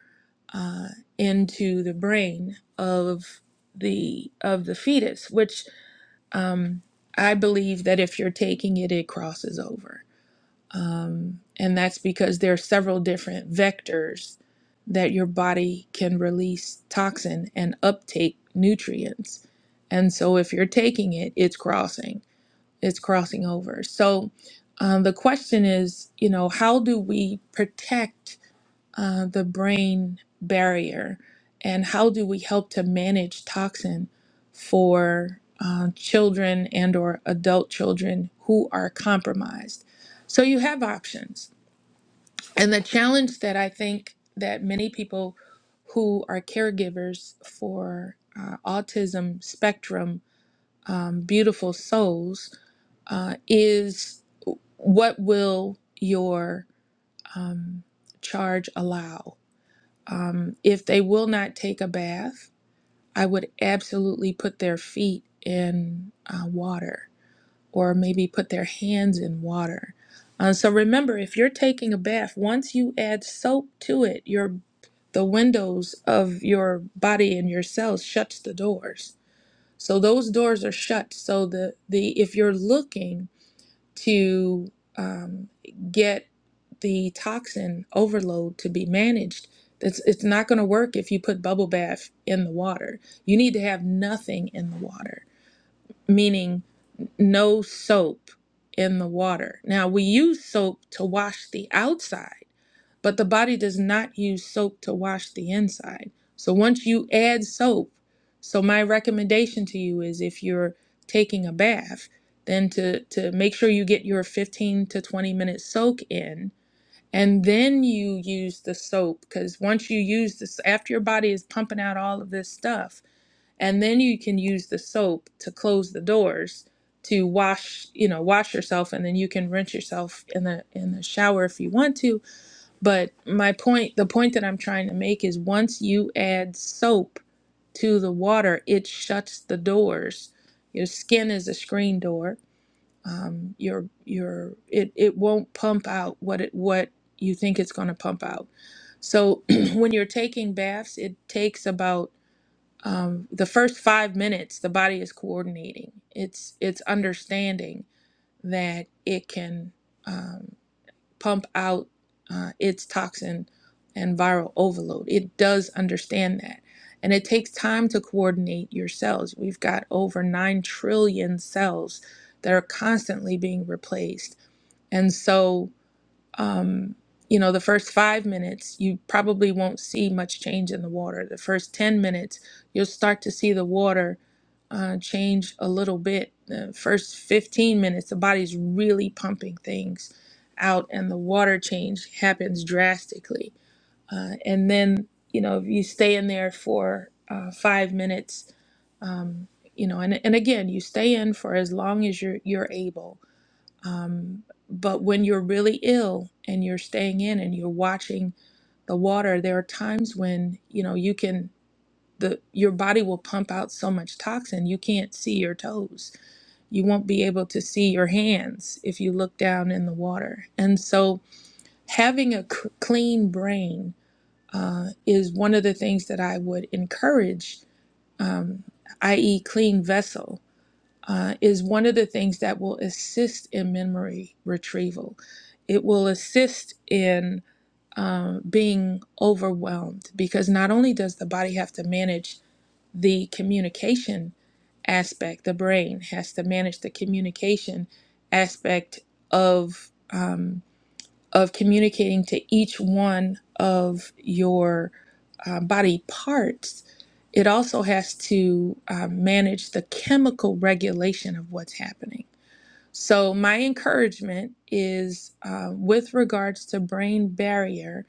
C: uh, into the brain of the of the fetus which um, I believe that if you're taking it, it crosses over. Um, and that's because there are several different vectors that your body can release toxin and uptake nutrients. And so if you're taking it, it's crossing, it's crossing over. So um, the question is, you know, how do we protect? uh, the brain barrier and how do we help to manage toxin for uh, children and or adult children who are compromised so you have options and the challenge that i think that many people who are caregivers for uh, autism spectrum um, beautiful souls uh, is what will your um, charge allow um, if they will not take a bath, I would absolutely put their feet in uh, water or maybe put their hands in water. Uh, so remember, if you're taking a bath, once you add soap to it, your the windows of your body and your cells shuts the doors. So those doors are shut. So the the if you're looking to um, get the toxin overload to be managed. It's, it's not going to work if you put bubble bath in the water. You need to have nothing in the water, meaning no soap in the water. Now, we use soap to wash the outside but the body does not use soap to wash the inside. So once you add soap, so my recommendation to you is if you're taking a bath, then to, to make sure you get your 15 to 20 minute soak in. And then you use the soap because once you use this, after your body is pumping out all of this stuff, and then you can use the soap to close the doors to wash, you know, wash yourself, and then you can rinse yourself in the in the shower if you want to but my point, the point that I'm trying to make is once you add soap to the water, it shuts the doors. Your skin is a screen door. Um, your your it it won't pump out what it what you think it's going to pump out. So when you're taking baths, it takes about um, the first five minutes. The body is coordinating. It's it's understanding that it can. um, pump out uh, its toxin and viral overload. It does understand that. And it takes time to coordinate your cells. We've got over 9 trillion cells that are constantly being replaced. And so um, you know, the first five minutes, you probably won't see much change in the water. The first 10 minutes, you'll start to see the water uh, change a little bit. The first 15 minutes, the body's really pumping things out, and the water change happens drastically. Uh, and then, you know, if you stay in there for uh, five minutes, um, you know, and, and again, you stay in for as long as you're, you're able um, but when you're really ill and you're staying in and you're watching the water, there are times when you know you can the your body will pump out so much toxin you can't see your toes. You won't be able to see your hands if you look down in the water. And so having a c- clean brain uh, is one of the things that I would encourage, um, i.e., clean vessel uh, is one of the things that will assist in memory retrieval. It will assist in um, being overwhelmed because not only does the body have to manage the communication aspect, the brain has to manage the communication aspect of. um, of communicating to each one of your uh, body parts, it also has to uh, manage the chemical regulation of what's happening. So, my encouragement is uh, with regards to brain barrier,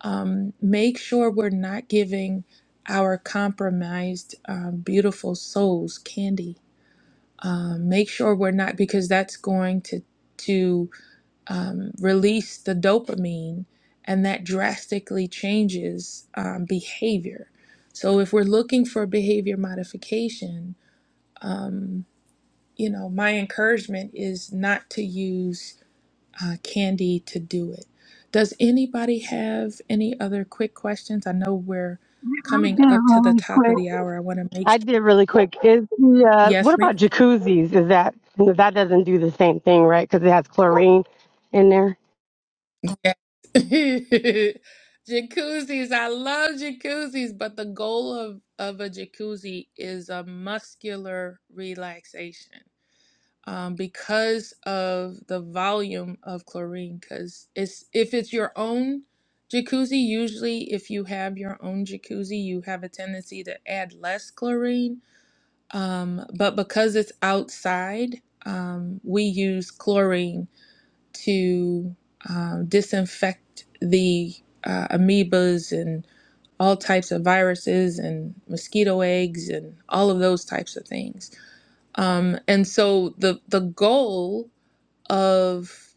C: um, make sure we're not giving our compromised, um, beautiful souls candy. Um, make sure we're not, because that's going to. to um, release the dopamine, and that drastically changes um, behavior. So, if we're looking for behavior modification, you know, my encouragement is not to use uh, candy to do it. Does anybody have any other quick questions? I know we're
J: I did
C: coming
J: it
C: up to the
J: really
C: top of
J: quick.
C: the hour. I want to make sure.
J: I did it really quick. Is the uh, what
C: Yes, ma'am.
J: about jacuzzis? Is that that doesn't do the same thing, right? Because it has chlorine in there.
C: Yeah. jacuzzis. I love jacuzzis, but the goal of, of a jacuzzi is a muscular relaxation um, because of the volume of chlorine. Because it's if it's your own jacuzzi, usually if you have your own jacuzzi, you have a tendency to add less chlorine. Um, but because it's outside, um, we use chlorine to um, disinfect the uh, amoebas and all types of viruses and mosquito eggs and all of those types of things. Um, and so the the goal of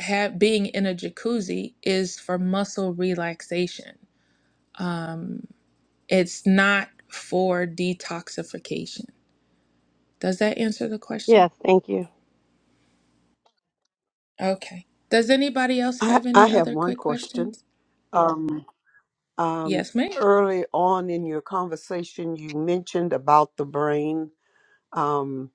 C: ha- being in a jacuzzi is for muscle relaxation. Um, it's not for detoxification. Does that answer the question?
J: Yes, thank you.
C: Okay. Does anybody else
I: I,
C: have any
I: I have
C: other
I: one
C: quick
I: question.
C: questions?
I: Um, um,
C: Yes, ma'am.
I: early on in your conversation, you mentioned about the brain um,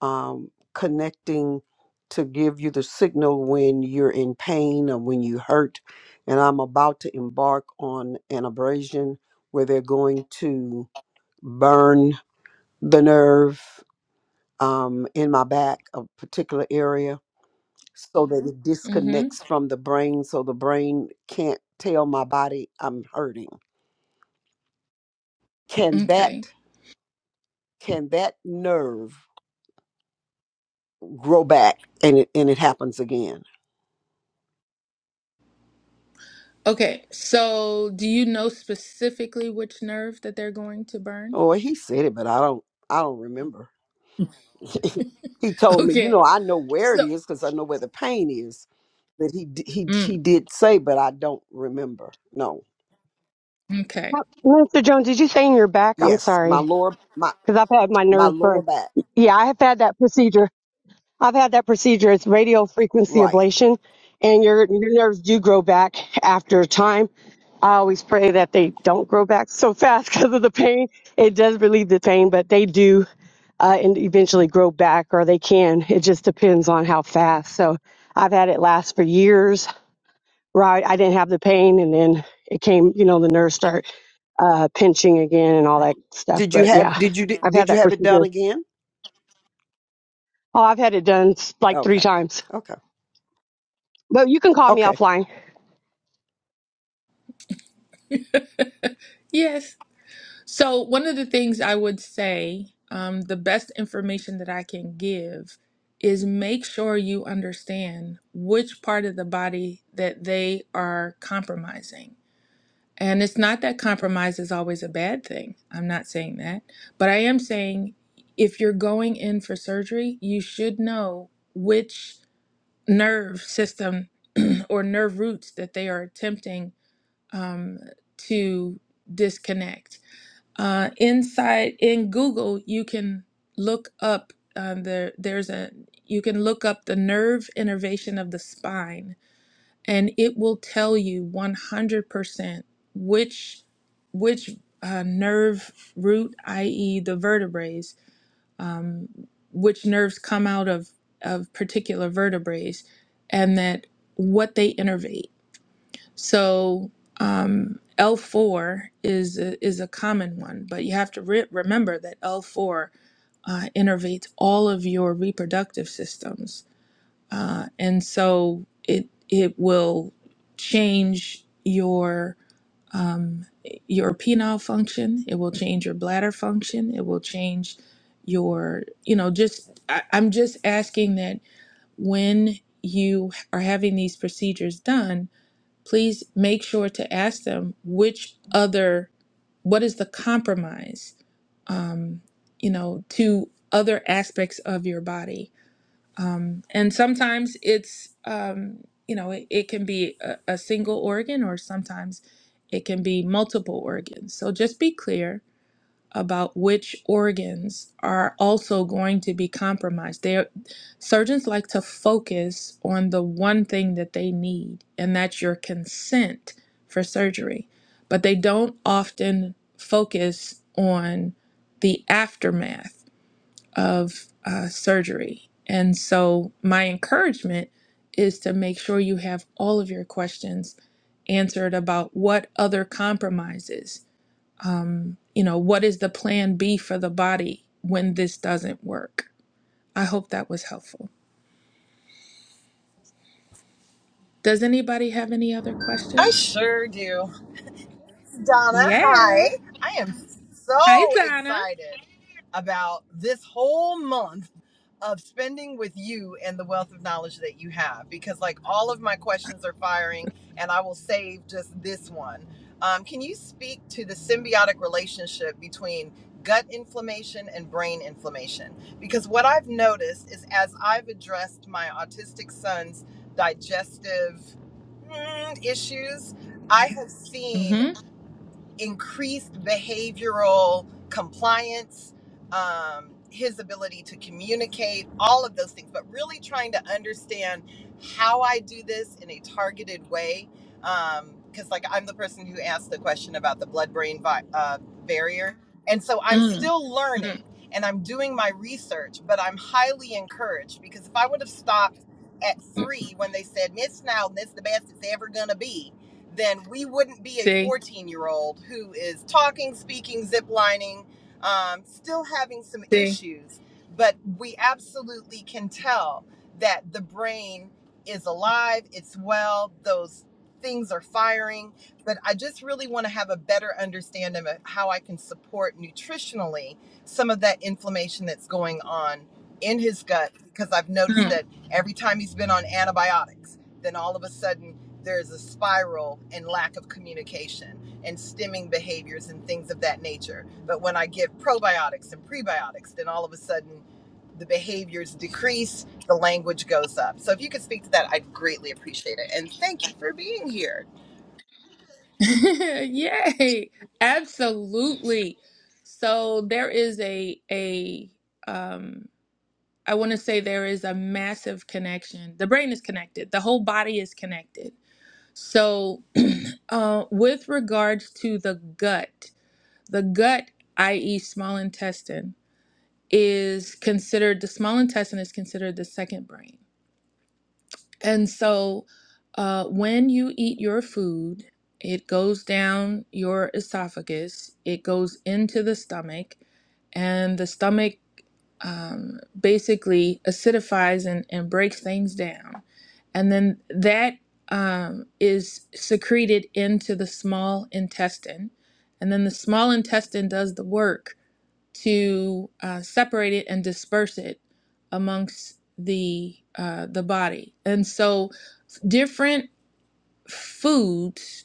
I: um, connecting to give you the signal when you're in pain or when you hurt. And I'm about to embark on an abrasion where they're going to burn the nerve um, in my back, a particular area, so that it
C: Mm-hmm.
I: disconnects from the brain, so the brain can't tell my body I'm hurting. Can that
C: Okay.
I: can that nerve grow back and it and it happens again?
C: Okay. So, do you know specifically which nerve that they're going to burn?
I: Oh, he said it, but I don't I don't remember. he told me, you know,
C: Okay.
I: I know where
C: So,
I: it is because I know where the pain is. That he d- he
C: mm,
I: he did say, but I don't remember. No.
C: okay.
J: Well, Mr. Jones, did you say in your back? I'm
I: Yes, my
J: sorry,
I: lower my
J: because I've had my
I: my
J: nerves
I: lower
J: burned.
I: back.
J: Yeah, I have had that procedure. I've had that procedure. It's radio frequency
I: Right.
J: ablation, and your your nerves do grow back after time. I always pray that they don't grow back so fast because of the pain. It does relieve the pain, but they do uh, and eventually grow back, or they can. It just depends on how fast. So I've had it last for years. Right, I didn't have the pain, and then it came. You know, the nerves start uh, pinching again and all that stuff.
I: Did you
J: But
I: have
J: yeah,
I: did you
J: I've had
I: did you
J: that
I: have it done
J: procedure
I: again? Okay. Okay. Okay.
C: Yes. So, one of the things I would say, um, the best information that I can give is make sure you understand which part of the body that they are compromising. And it's not that compromise is always a bad thing. I'm not saying that. But I am saying if you're going in for surgery, you should know which nerve system or nerve roots that they are attempting um, to disconnect. Uh, inside in Google, you can look up uh, the there's a you can look up the nerve innervation of the spine and it will tell you 100% which which uh, nerve root, i.e., the vertebrae, um, which nerves come out of of particular vertebrae, and that what they innervate. So um, L4 is a, is a common one, but you have to re- remember that L4 uh, innervates all of your reproductive systems uh, and so it it will change your um, your penile function. It will change your bladder function. It will change your you know just I, I'm just asking that when you are having these procedures done, please make sure to ask them which other what is the compromise um, you know to other aspects of your body um, and sometimes it's, um, you know, it, it can be a, a single organ or sometimes it can be multiple organs. So just be clear about which organs are also going to be compromised. They surgeons like to focus on the one thing that they need, and that's your consent for surgery. But they don't often focus on the aftermath of uh, surgery. And so, my encouragement is to make sure you have all of your questions answered about what other compromises, you know, what is the plan B for the body when this doesn't work. I hope that was helpful. Does anybody have any other
L: I
C: questions?
L: sure do. Donna,
C: Yeah.
L: hi. I am so
C: Hi, Donna.
L: excited about this whole month of spending with you and the wealth of knowledge that you have because, like, all of my questions are firing, and I will save just this one. Um, can you speak to the symbiotic relationship between gut inflammation and brain inflammation? Because what I've noticed is as I've addressed my autistic son's digestive mm, issues, I have seen
C: Mm-hmm.
L: increased behavioral compliance, um, his ability to communicate, all of those things, but really trying to understand how I do this in a targeted way. Because, like, I'm the person who asked the question about the blood brain vi- uh, barrier. And so I'm
C: Mm.
L: still learning and I'm doing my research, but I'm highly encouraged because if I would have stopped at
C: Mm.
L: three when they said, Miss Snowden, this is the best it's ever going to be, then we wouldn't be a
C: See,
L: 14 year old who is talking, speaking, ziplining, um, still having some
C: see.
L: issues. But we absolutely can tell that the brain is alive, it's well, those things are firing. But I just really want to have a better understanding of how I can support nutritionally some of that inflammation that's going on in his gut because I've
C: Mm.
L: noticed that every time he's been on antibiotics, then all of a sudden there's a spiral and lack of communication and stemming behaviors and things of that nature. But when I give probiotics and prebiotics, then all of a sudden the behaviors decrease, the language goes up. So if you could speak to that, I'd greatly appreciate it. And thank you for being here.
C: Yay. Absolutely. So there is a a um I want to say there is a massive connection. The brain is connected. The whole body is connected. So uh, with regards to the gut, the gut, i.e., small intestine, is considered the small intestine is considered the second brain. And so uh, when you eat your food, it goes down your esophagus, it goes into the stomach, and the stomach um, basically acidifies and, and breaks things down. And then that um, is secreted into the small intestine. And then the small intestine does the work to uh, separate it and disperse it amongst the uh, the body. And so different foods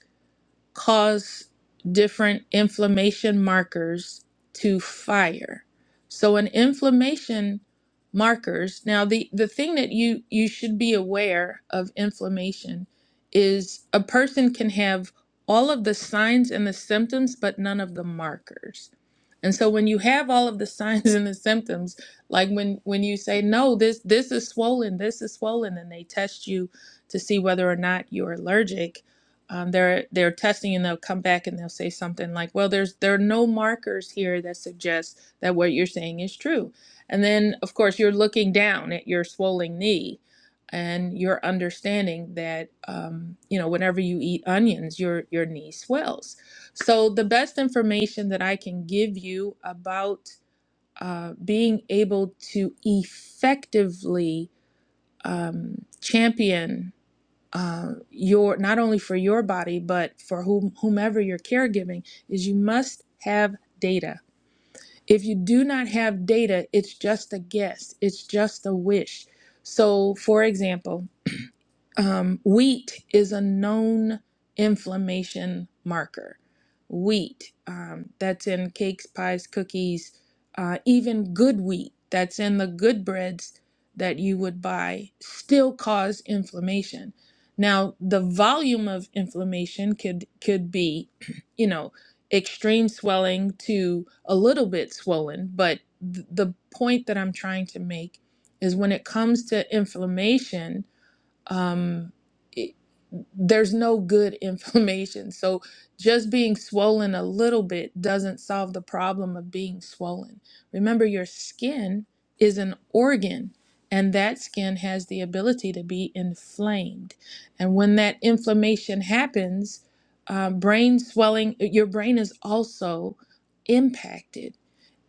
C: cause different inflammation markers to fire. So an inflammation markers, now the the thing that you you should be aware of inflammation is a person can have all of the signs and the symptoms but none of the markers. And so when you have all of the signs and the symptoms, like when when you say no, this this is swollen, this is swollen and they test you to see whether or not you're allergic, um, they're they're testing and they'll come back and they'll say something like well there's there are no markers here that suggest that what you're saying is true and then of course you're looking down at your swollen knee and you're understanding that um, you know whenever you eat onions your your knee swells so the best information that i can give you about uh, being able to effectively um, champion uh, your not only for your body but for whom, whomever you're caregiving is you must have data if you do not have data it's just a guess it's just a wish so for example um, wheat is a known inflammation marker. Wheat um, that's in cakes, pies, cookies, uh, even good wheat that's in the good breads that you would buy still cause inflammation. Now, the volume of inflammation could could be, you know, extreme swelling to a little bit swollen, but th- the point that I'm trying to make is when it comes to inflammation, um, it, there's no good inflammation. So just being swollen a little bit doesn't solve the problem of being swollen. Remember, your skin is an organ, and that skin has the ability to be inflamed. And when that inflammation happens, uh, brain swelling, your brain is also impacted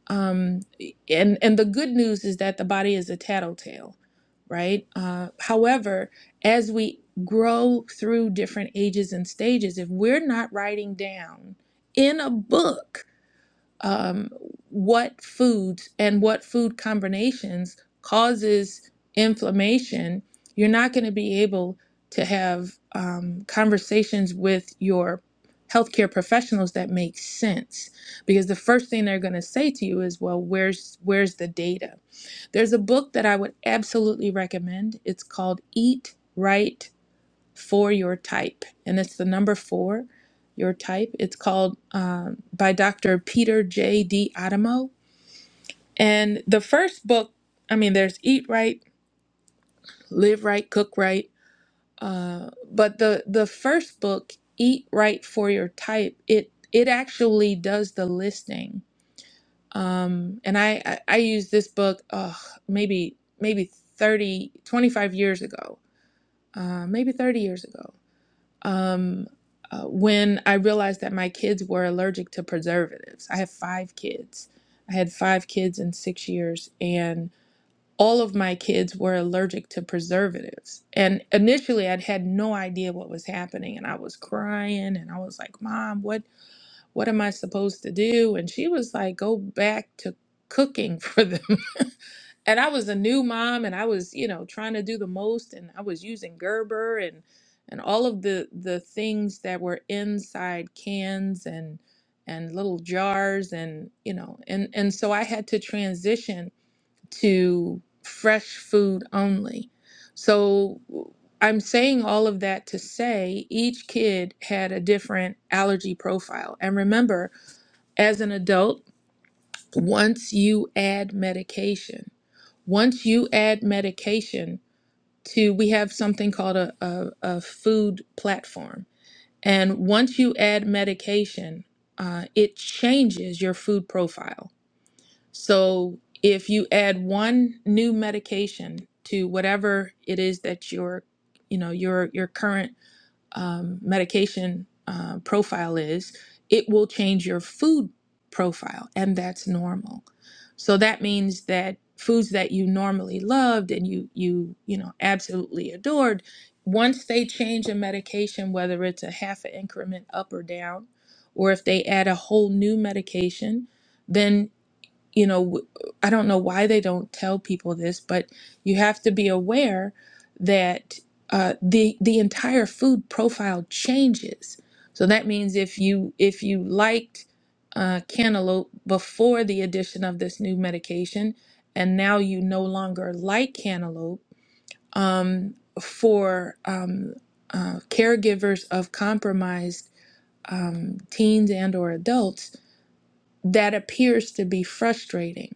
C: um, and and the good news is that the body is a tattletale, right? Uh, however, as we grow through different ages and stages, if we're not writing down in a book um, what foods and what food combinations causes inflammation, you're not going to be able to have um, conversations with your healthcare professionals that make sense because the first thing they're going to say to you is well where's where's the data there's a book that i would absolutely recommend it's called eat right for your type and it's the number four your type it's called um, by dr peter j d adamo and the first book i mean there's eat right live right cook right uh, but the the first book eat right for your type it it actually does the listing um, and I, I i used this book uh, maybe maybe 30 25 years ago uh, maybe 30 years ago um, uh, when I realized that my kids were allergic to preservatives. I have five kids. I had five kids in six years, and all of my kids were allergic to preservatives. And initially, I'd had no idea what was happening, and I was crying, and I was like, "Mom, what what am I supposed to do?" And she was like, "Go back to cooking for them." and I was a new mom and I was, you know, trying to do the most and I was using Gerber and and all of the the things that were inside cans and and little jars and you know and and so I had to transition to fresh food only. So I'm saying all of that to say each kid had a different allergy profile. And remember, as an adult, once you add medication, once you add medication to, we have something called a, a, a food platform. And once you add medication, uh, it changes your food profile. So if you add one new medication to whatever it is that your, you know, your your current um, medication uh, profile is, it will change your food profile, and that's normal. So that means that foods that you normally loved and you you you know absolutely adored, once they change a medication, whether it's a half an increment up or down, or if they add a whole new medication, then you know, w- I don't know why they don't tell people this, but you have to be aware that uh, the the entire food profile changes. So that means if you if you liked uh, cantaloupe before the addition of this new medication, and now you no longer like cantaloupe, um, for um, uh, caregivers of compromised um, teens and or adults, that appears to be frustrating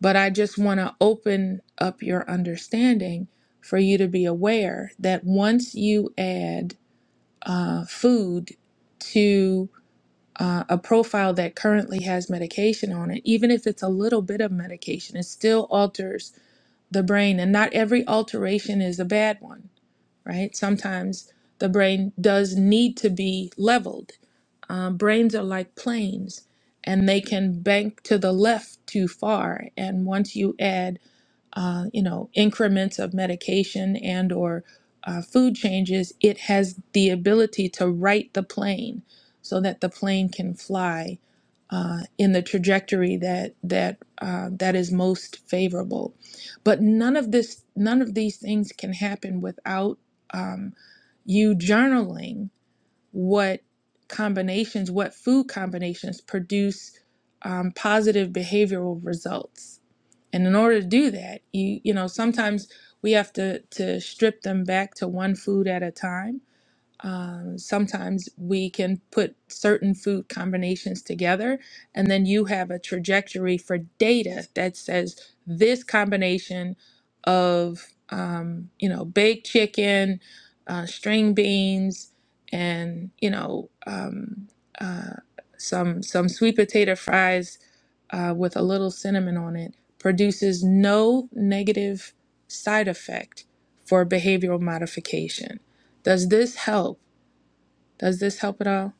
C: but I just want to open up your understanding for you to be aware that once you add uh, food to uh, a profile that currently has medication on it, even if it's a little bit of medication, it still alters the brain. And not every alteration is a bad one, right? Sometimes the brain does need to be leveled. Um, brains are like planes and they can bank to the left too far. And once you add uh, you know increments of medication and or uh, food changes it has the ability to right the plane so that the plane can fly uh, in the trajectory that that uh, that is most favorable but none of this none of these things can happen without um, you journaling what combinations what food combinations produce um, positive behavioral results and in order to do that, you you know, sometimes we have to to strip them back to one food at a time um, sometimes we can put certain food combinations together, and then you have a trajectory for data that says this combination of, um, you know, baked chicken, uh, string beans, and you know, um, uh, some some sweet potato fries uh, with a little cinnamon on it produces no negative side effect for behavioral modification. Does this help? Does this help at all?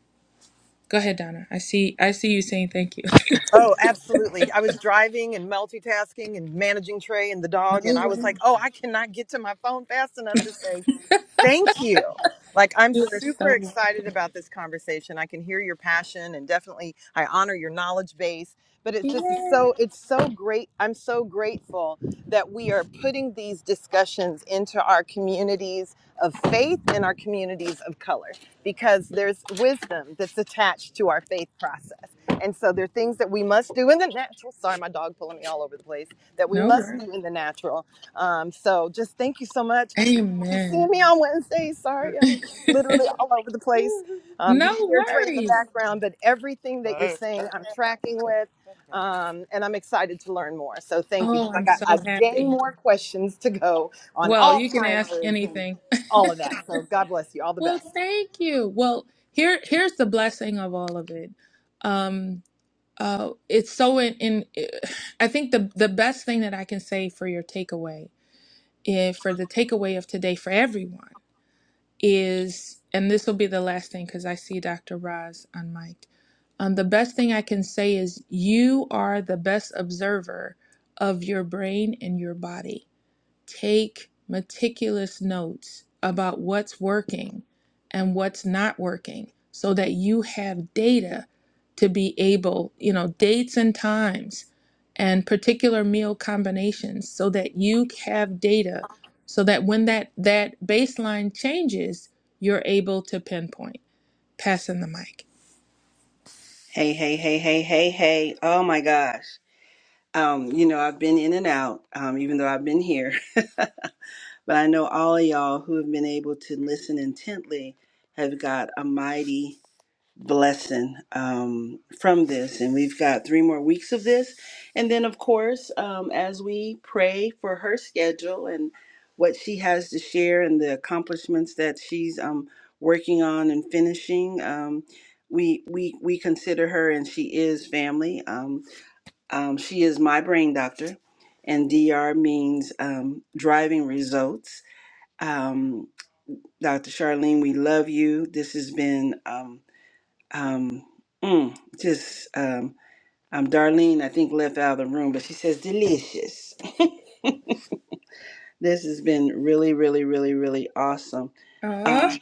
C: Go ahead, Donna. I see I see you saying thank you.
L: Oh, absolutely. I was driving and multitasking and managing Trey and the dog, and
C: No
L: I
C: way.
L: was like, oh, I cannot get to my phone fast enough to say. Thank you. Like, I'm
C: You are so
L: super
C: welcome.
L: excited about this conversation. I can hear your passion and definitely I honor your knowledge base. But it's just
C: Yeah.
L: so, it's so great. I'm so grateful that we are putting these discussions into our communities of faith and our communities of color because there's wisdom that's attached to our faith process. And so there are things that we must do in the natural. Sorry, my dog pulling me all over the place that we
C: No
L: must
C: worries.
L: do in the natural. Um, so just thank you so much won't be seeing
C: Amen.
L: me on Wednesday. Sorry, I'm literally all over the place. Um,
C: no
L: you can hear Trey in the
C: worries.
L: background, but everything that you're saying, I'm tracking with, um, and I'm excited to learn more. So thank you,
C: Oh,
L: because I
C: I'm
L: got
C: so
L: a dang
C: happy.
L: more questions to go on
C: Well, you can ask
L: Alzheimer's and
C: anything.
L: all of that. So God bless you. All the
C: well,
L: best.
C: thank you. Well, here here's the blessing of all of it. Um uh it's so in, in I think the the best thing that I can say for your takeaway, eh, for the takeaway of today for everyone is, and this will be the last thing because I see Dr. Roz on mic. Um, the best thing I can say is you are the best observer of your brain and your body. Take meticulous notes about what's working and what's not working so that you have data to be able, you know, dates and times and particular meal combinations so that you have data so that when that that baseline changes, you're able to pinpoint. Passing the mic.
A: Hey, hey, hey, hey, hey, hey. Oh my gosh. Um, you know, I've been in and out, um, even though I've been here. But I know all of y'all who have been able to listen intently have got a mighty blessing um, from this. And we've got three more weeks of this. And then, of course, um, as we pray for her schedule and what she has to share and the accomplishments that she's um, working on and finishing. Um, we, we we consider her and she is family. Um, um, she is my brain doctor, and DR means um, driving results. Um, Dr. Charlene, we love you. This has been Um, um, mm, just um, um, Darlene, I think left out of the room, but she says delicious. This has been really, really, really, really awesome. Um,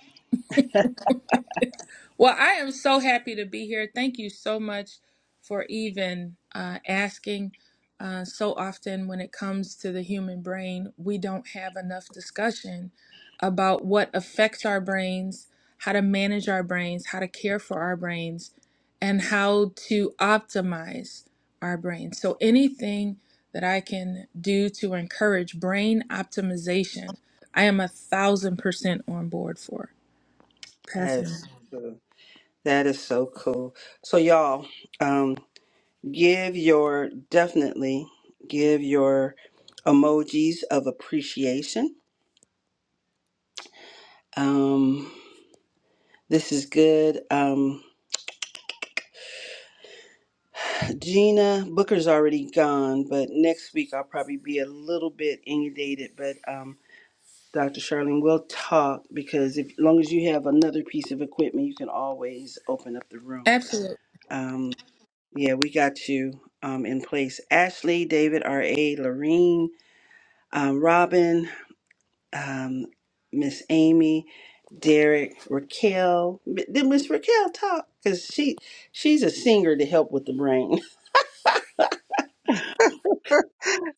C: Well, I am so happy to be here. Thank you so much for even uh, asking. Uh, so often, when it comes to the human brain, we don't have enough discussion about what affects our brains, how to manage our brains, how to care for our brains, and how to optimize our brains. So, anything that I can do to encourage brain optimization, I am a thousand percent on board for.
A: that
C: Passing
A: is cool. That is so cool. So y'all, um, give your definitely give your emojis of appreciation. Um, this is good. Um, Gina Booker's already gone, but next week I'll probably be a little bit inundated, but um Dr. Charlene, we'll talk because if, as long as you have another piece of equipment, you can always open up the room.
C: them.
A: Um, yeah, we got you um, in place. Ashley, David, R.A., Lorene, um, Robin, um, Miss Amy, Derek, Raquel. M- Did Miss Raquel talk? Because she she's a singer to help with the brain.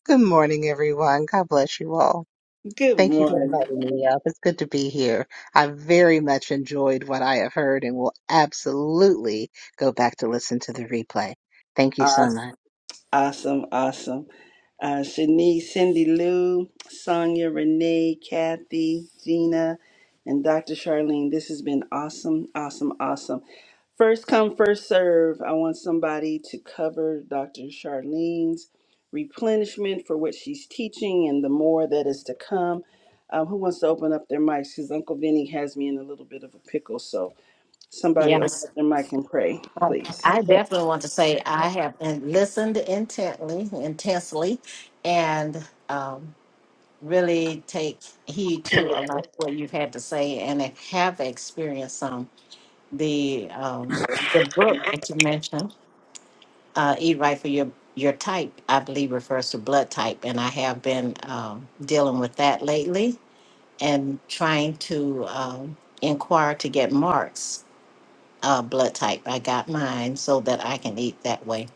M: Good morning, everyone. God bless you all.
A: Good
M: Thank you for
A: morning.
M: inviting me up. It's good to be here. I very much enjoyed what I have heard and will absolutely go back to listen to the replay. Thank you
A: Uh,
M: so much.
A: Awesome, awesome. Uh, Shanice, Cindy Lou, Sonia, Renee, Kathy, Gina, and Dr. Charlene. This has been awesome, awesome, awesome. First come, first serve. I want somebody to cover Dr. Charlene's replenishment for what she's teaching and the more that is to come. Um, who wants to open up their mics? Because Uncle Vinny has me in a little bit of a pickle. So somebody
D: Yeah.
A: open up their mic and pray, please.
D: I definitely want to say I have in- listened intently, intensely, and um, really take heed to a lot of what you've had to say, and I have experienced some the um, the book that you mentioned, uh, "Eat Right for Your Your Type." I believe refers to blood type, and I have been um, dealing with that lately and trying to um, inquire to get Mark's uh, blood type. I got mine so that I can eat that way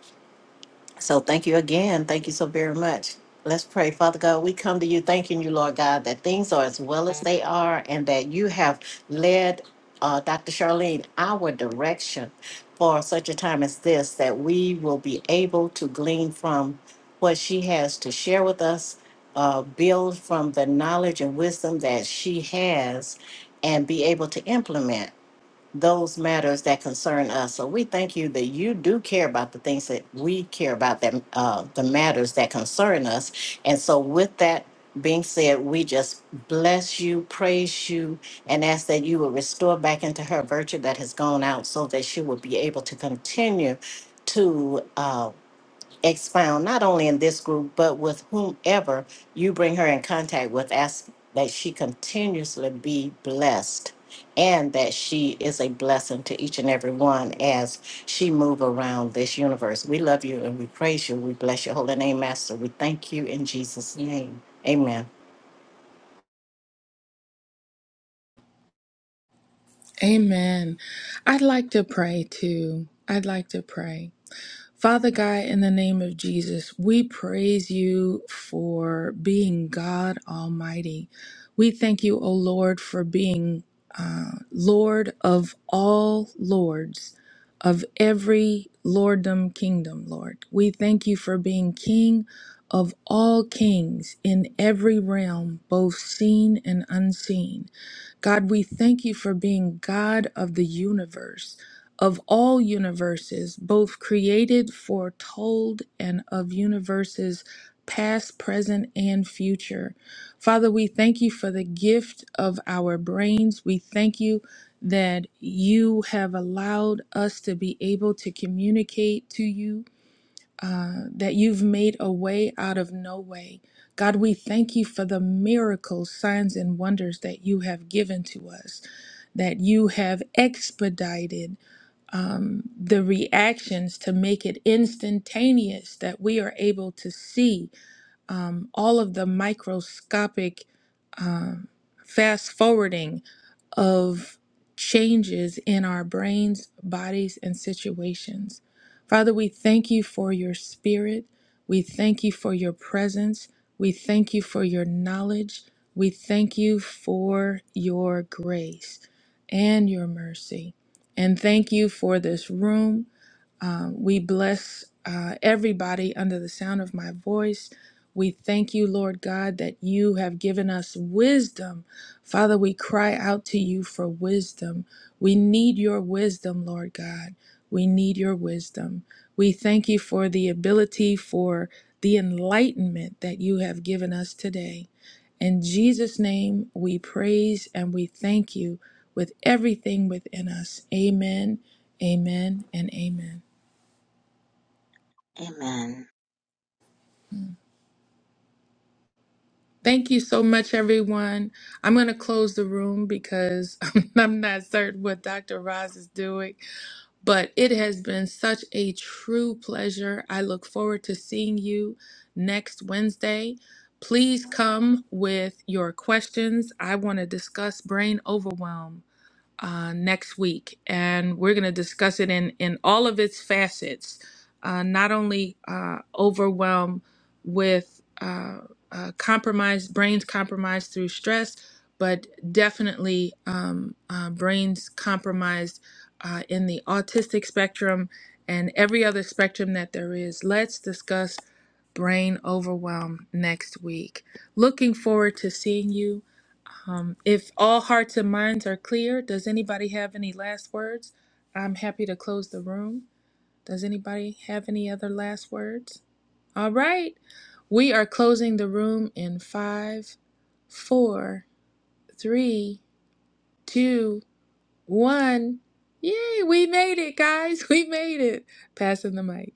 D: So thank you again. Thank you so very much. Let's pray. Father God, we come to you thanking you, Lord God, that things are as well as they are and that you have led uh, Dr. Charlene our direction for such a time as this, that we will be able to glean from what she has to share with us, uh, build from the knowledge and wisdom that she has, and be able to implement those matters that concern us. So we thank you that you do care about the things that we care about, that uh, the matters that concern us. And so, with that being said, we just bless you, praise you, and ask that you will restore back into her virtue that has gone out, so that she will be able to continue to. uh, expound not only in this group but with whomever you bring her in contact with ask that she continuously be blessed and that she is a blessing to each and every one as she move around this universe we love you and we praise you we bless your holy name master we thank you in jesus name amen
C: Amen. I'd like to pray too. I'd like to pray. Father God, in the name of Jesus, we praise you for being God Almighty. We thank you, O Lord, for being uh, Lord of all lords, of every lorddom kingdom, Lord. We thank you for being King of all kings in every realm, both seen and unseen. God, we thank you for being God of the universe, of all universes, both created, foretold, and of universes past, present, and future. Father, we thank you for the gift of our brains. We thank you that you have allowed us to be able to communicate to you uh, that you've made a way out of no way. God, we thank you for the miracles, signs, and wonders that you have given to us, that you have expedited um, the reactions to make it instantaneous, that we are able to see um, all of the microscopic um, fast forwarding of changes in our brains, bodies, and situations. Father, we thank you for your spirit. We thank you for your presence. We thank you for your knowledge. We thank you for your grace and your mercy. And thank you for this room. Um, we bless uh, everybody under the sound of my voice. We thank you, Lord God, that you have given us wisdom. Father, we cry out to you for wisdom. We need your wisdom, Lord God. We need your wisdom. We thank you for the ability, for the enlightenment that you have given us today. In Jesus' name, we praise and we thank you with everything within us. Amen, amen, and amen.
M: Amen.
C: Thank you so much, everyone. I'm going to close the room because I'm not certain what Dr. Roz is doing, but it has been such a true pleasure. I look forward to seeing you next Wednesday. Please come with your questions. I want to discuss brain overwhelm uh, next week, and we're going to discuss it in in all of its facets, uh, not only uh, overwhelm with uh, uh, compromise, brains compromised through stress, but definitely um, uh, brains compromised uh, in the autistic spectrum and every other spectrum that there is. Let's discuss brain overwhelm next week. Looking forward to seeing you. Um, if all hearts and minds are clear, does anybody have any last words? I'm happy to close the room. Does anybody have any other last words? All right. We are closing the room in five, four, three, two, one. Yay, we made it, guys. We made it. Passing the mic.